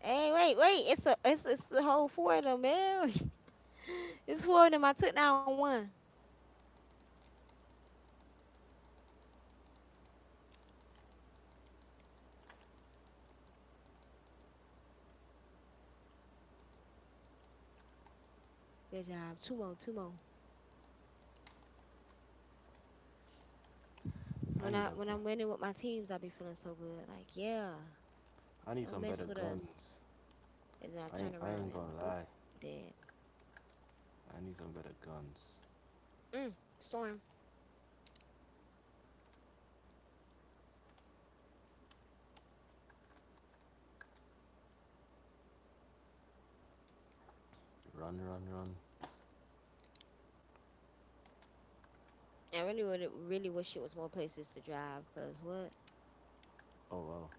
[SPEAKER 1] Hey, wait, wait. It's a it's it's the whole four of them, man. It's four of them. I took down one. Good job. Two more, two more.
[SPEAKER 2] I
[SPEAKER 1] When I
[SPEAKER 2] need a.
[SPEAKER 1] when I'm winning with my teams, I be feeling so good. Like, yeah,
[SPEAKER 2] I need
[SPEAKER 1] don't
[SPEAKER 2] some
[SPEAKER 1] mess
[SPEAKER 2] better
[SPEAKER 1] with us.
[SPEAKER 2] guns.
[SPEAKER 1] And then I
[SPEAKER 2] I
[SPEAKER 1] turn
[SPEAKER 2] ain't, I
[SPEAKER 1] around
[SPEAKER 2] ain't
[SPEAKER 1] and,
[SPEAKER 2] gonna
[SPEAKER 1] boop,
[SPEAKER 2] lie.
[SPEAKER 1] dead.
[SPEAKER 2] I need some better guns.
[SPEAKER 1] Mm, Storm.
[SPEAKER 2] Run, run, run.
[SPEAKER 1] I really would really wish it was more places to drive, cause what?
[SPEAKER 2] Oh wow.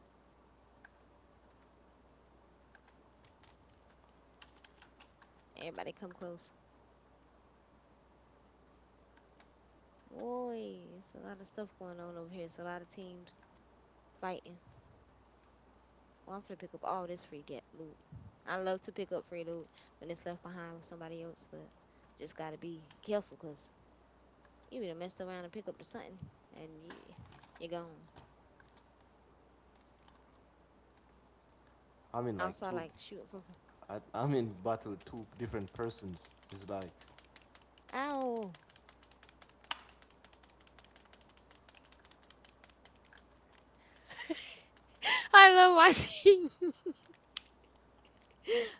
[SPEAKER 1] Everybody come close. Boy, it's a lot of stuff going on over here. It's a lot of teams fighting. Oh, I'm finna pick up all this free get loot. I love to pick up free loot when it's left behind with somebody else, but just gotta be careful 'cause you be done messed around and pick up the something, and you're gone.
[SPEAKER 2] I'm in like
[SPEAKER 1] Also, I
[SPEAKER 2] two.
[SPEAKER 1] like shooting from.
[SPEAKER 2] I'm in battle with two different persons. It's like
[SPEAKER 1] Ow! I love my team.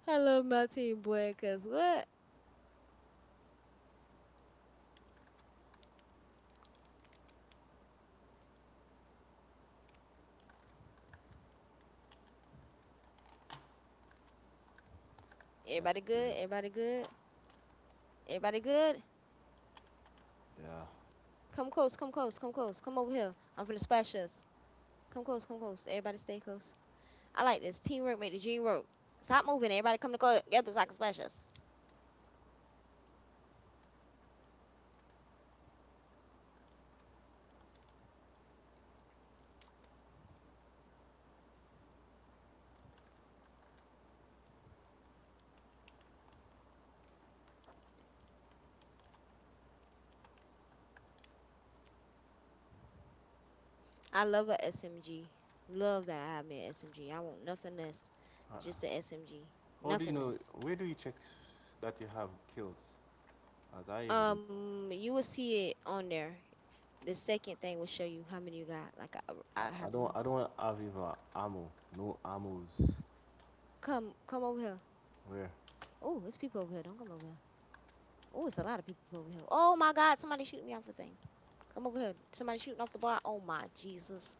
[SPEAKER 1] I love my team, boy. 'Cause what?
[SPEAKER 2] That's
[SPEAKER 1] Everybody good?
[SPEAKER 2] crazy.
[SPEAKER 1] Everybody good? Everybody good?
[SPEAKER 2] Yeah.
[SPEAKER 1] Come close, come close, come close, come over here. I'm finna splash us. Come close, come close. Everybody stay close. I like this. Teamwork make the dream work. Stop moving. Everybody come together so I can splash us. I love a SMG. Love that I have me a SMG. I want nothing less.
[SPEAKER 2] Uh,
[SPEAKER 1] Just a SMG.
[SPEAKER 2] how do you
[SPEAKER 1] Nothing
[SPEAKER 2] know?
[SPEAKER 1] less.
[SPEAKER 2] Where do you check that you have kills? As I even,
[SPEAKER 1] You will see it on there. The second thing will show you how many you got. Like I
[SPEAKER 2] I
[SPEAKER 1] have
[SPEAKER 2] don't.
[SPEAKER 1] one.
[SPEAKER 2] I don't have even ammo. No ammos.
[SPEAKER 1] Come, come over here.
[SPEAKER 2] Where?
[SPEAKER 1] Oh, there's people over here. Don't come over here. Oh, it's a lot of people over here. Oh my God, somebody shooting me off the thing. Come over here. Somebody shooting off the bar. Oh my Jesus.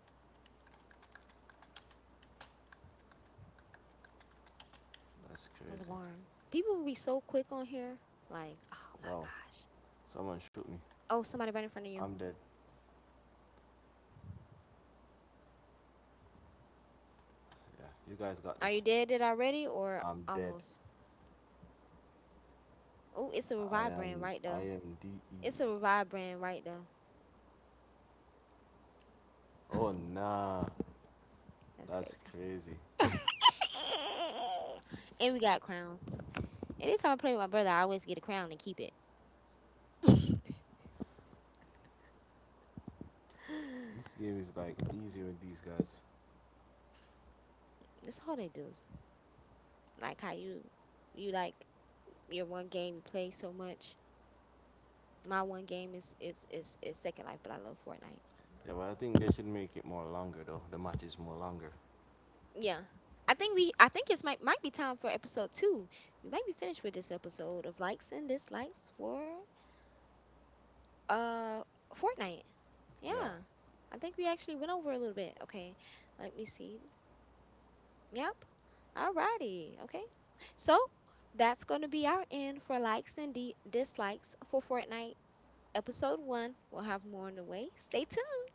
[SPEAKER 2] That's
[SPEAKER 1] In the
[SPEAKER 2] crazy.
[SPEAKER 1] barn. People will be so quick on here. Like, oh my
[SPEAKER 2] Wow.
[SPEAKER 1] gosh.
[SPEAKER 2] Someone shoot me.
[SPEAKER 1] Oh, somebody right in front of you.
[SPEAKER 2] I'm dead. Yeah. You guys got
[SPEAKER 1] Are you
[SPEAKER 2] this.
[SPEAKER 1] dead it already or
[SPEAKER 2] I'm dead.
[SPEAKER 1] almost? Oh, it's a revive brand right
[SPEAKER 2] I
[SPEAKER 1] there.
[SPEAKER 2] am D
[SPEAKER 1] It's
[SPEAKER 2] E.
[SPEAKER 1] a revive brand right there.
[SPEAKER 2] Oh nah.
[SPEAKER 1] That's
[SPEAKER 2] That's
[SPEAKER 1] crazy.
[SPEAKER 2] crazy.
[SPEAKER 1] And we got crowns. And anytime I play with my brother, I always get a crown and keep it.
[SPEAKER 2] This game is like easy with these guys.
[SPEAKER 1] That's all they do. Like how you like your one game you play so much. My one game is Second Life, but I love Fortnite.
[SPEAKER 2] Yeah, but I think they should make it more longer though. The match is more longer.
[SPEAKER 1] Yeah. I think it's might be time for episode two. We might be finished with this episode of likes and dislikes for uh Fortnite.
[SPEAKER 2] Yeah.
[SPEAKER 1] Yeah. I think we actually went over a little bit. Okay. Let me see. Yep. Alrighty. Okay. So that's gonna be our end for likes and dislikes for Fortnite episode one. We'll have more on the way. Stay tuned.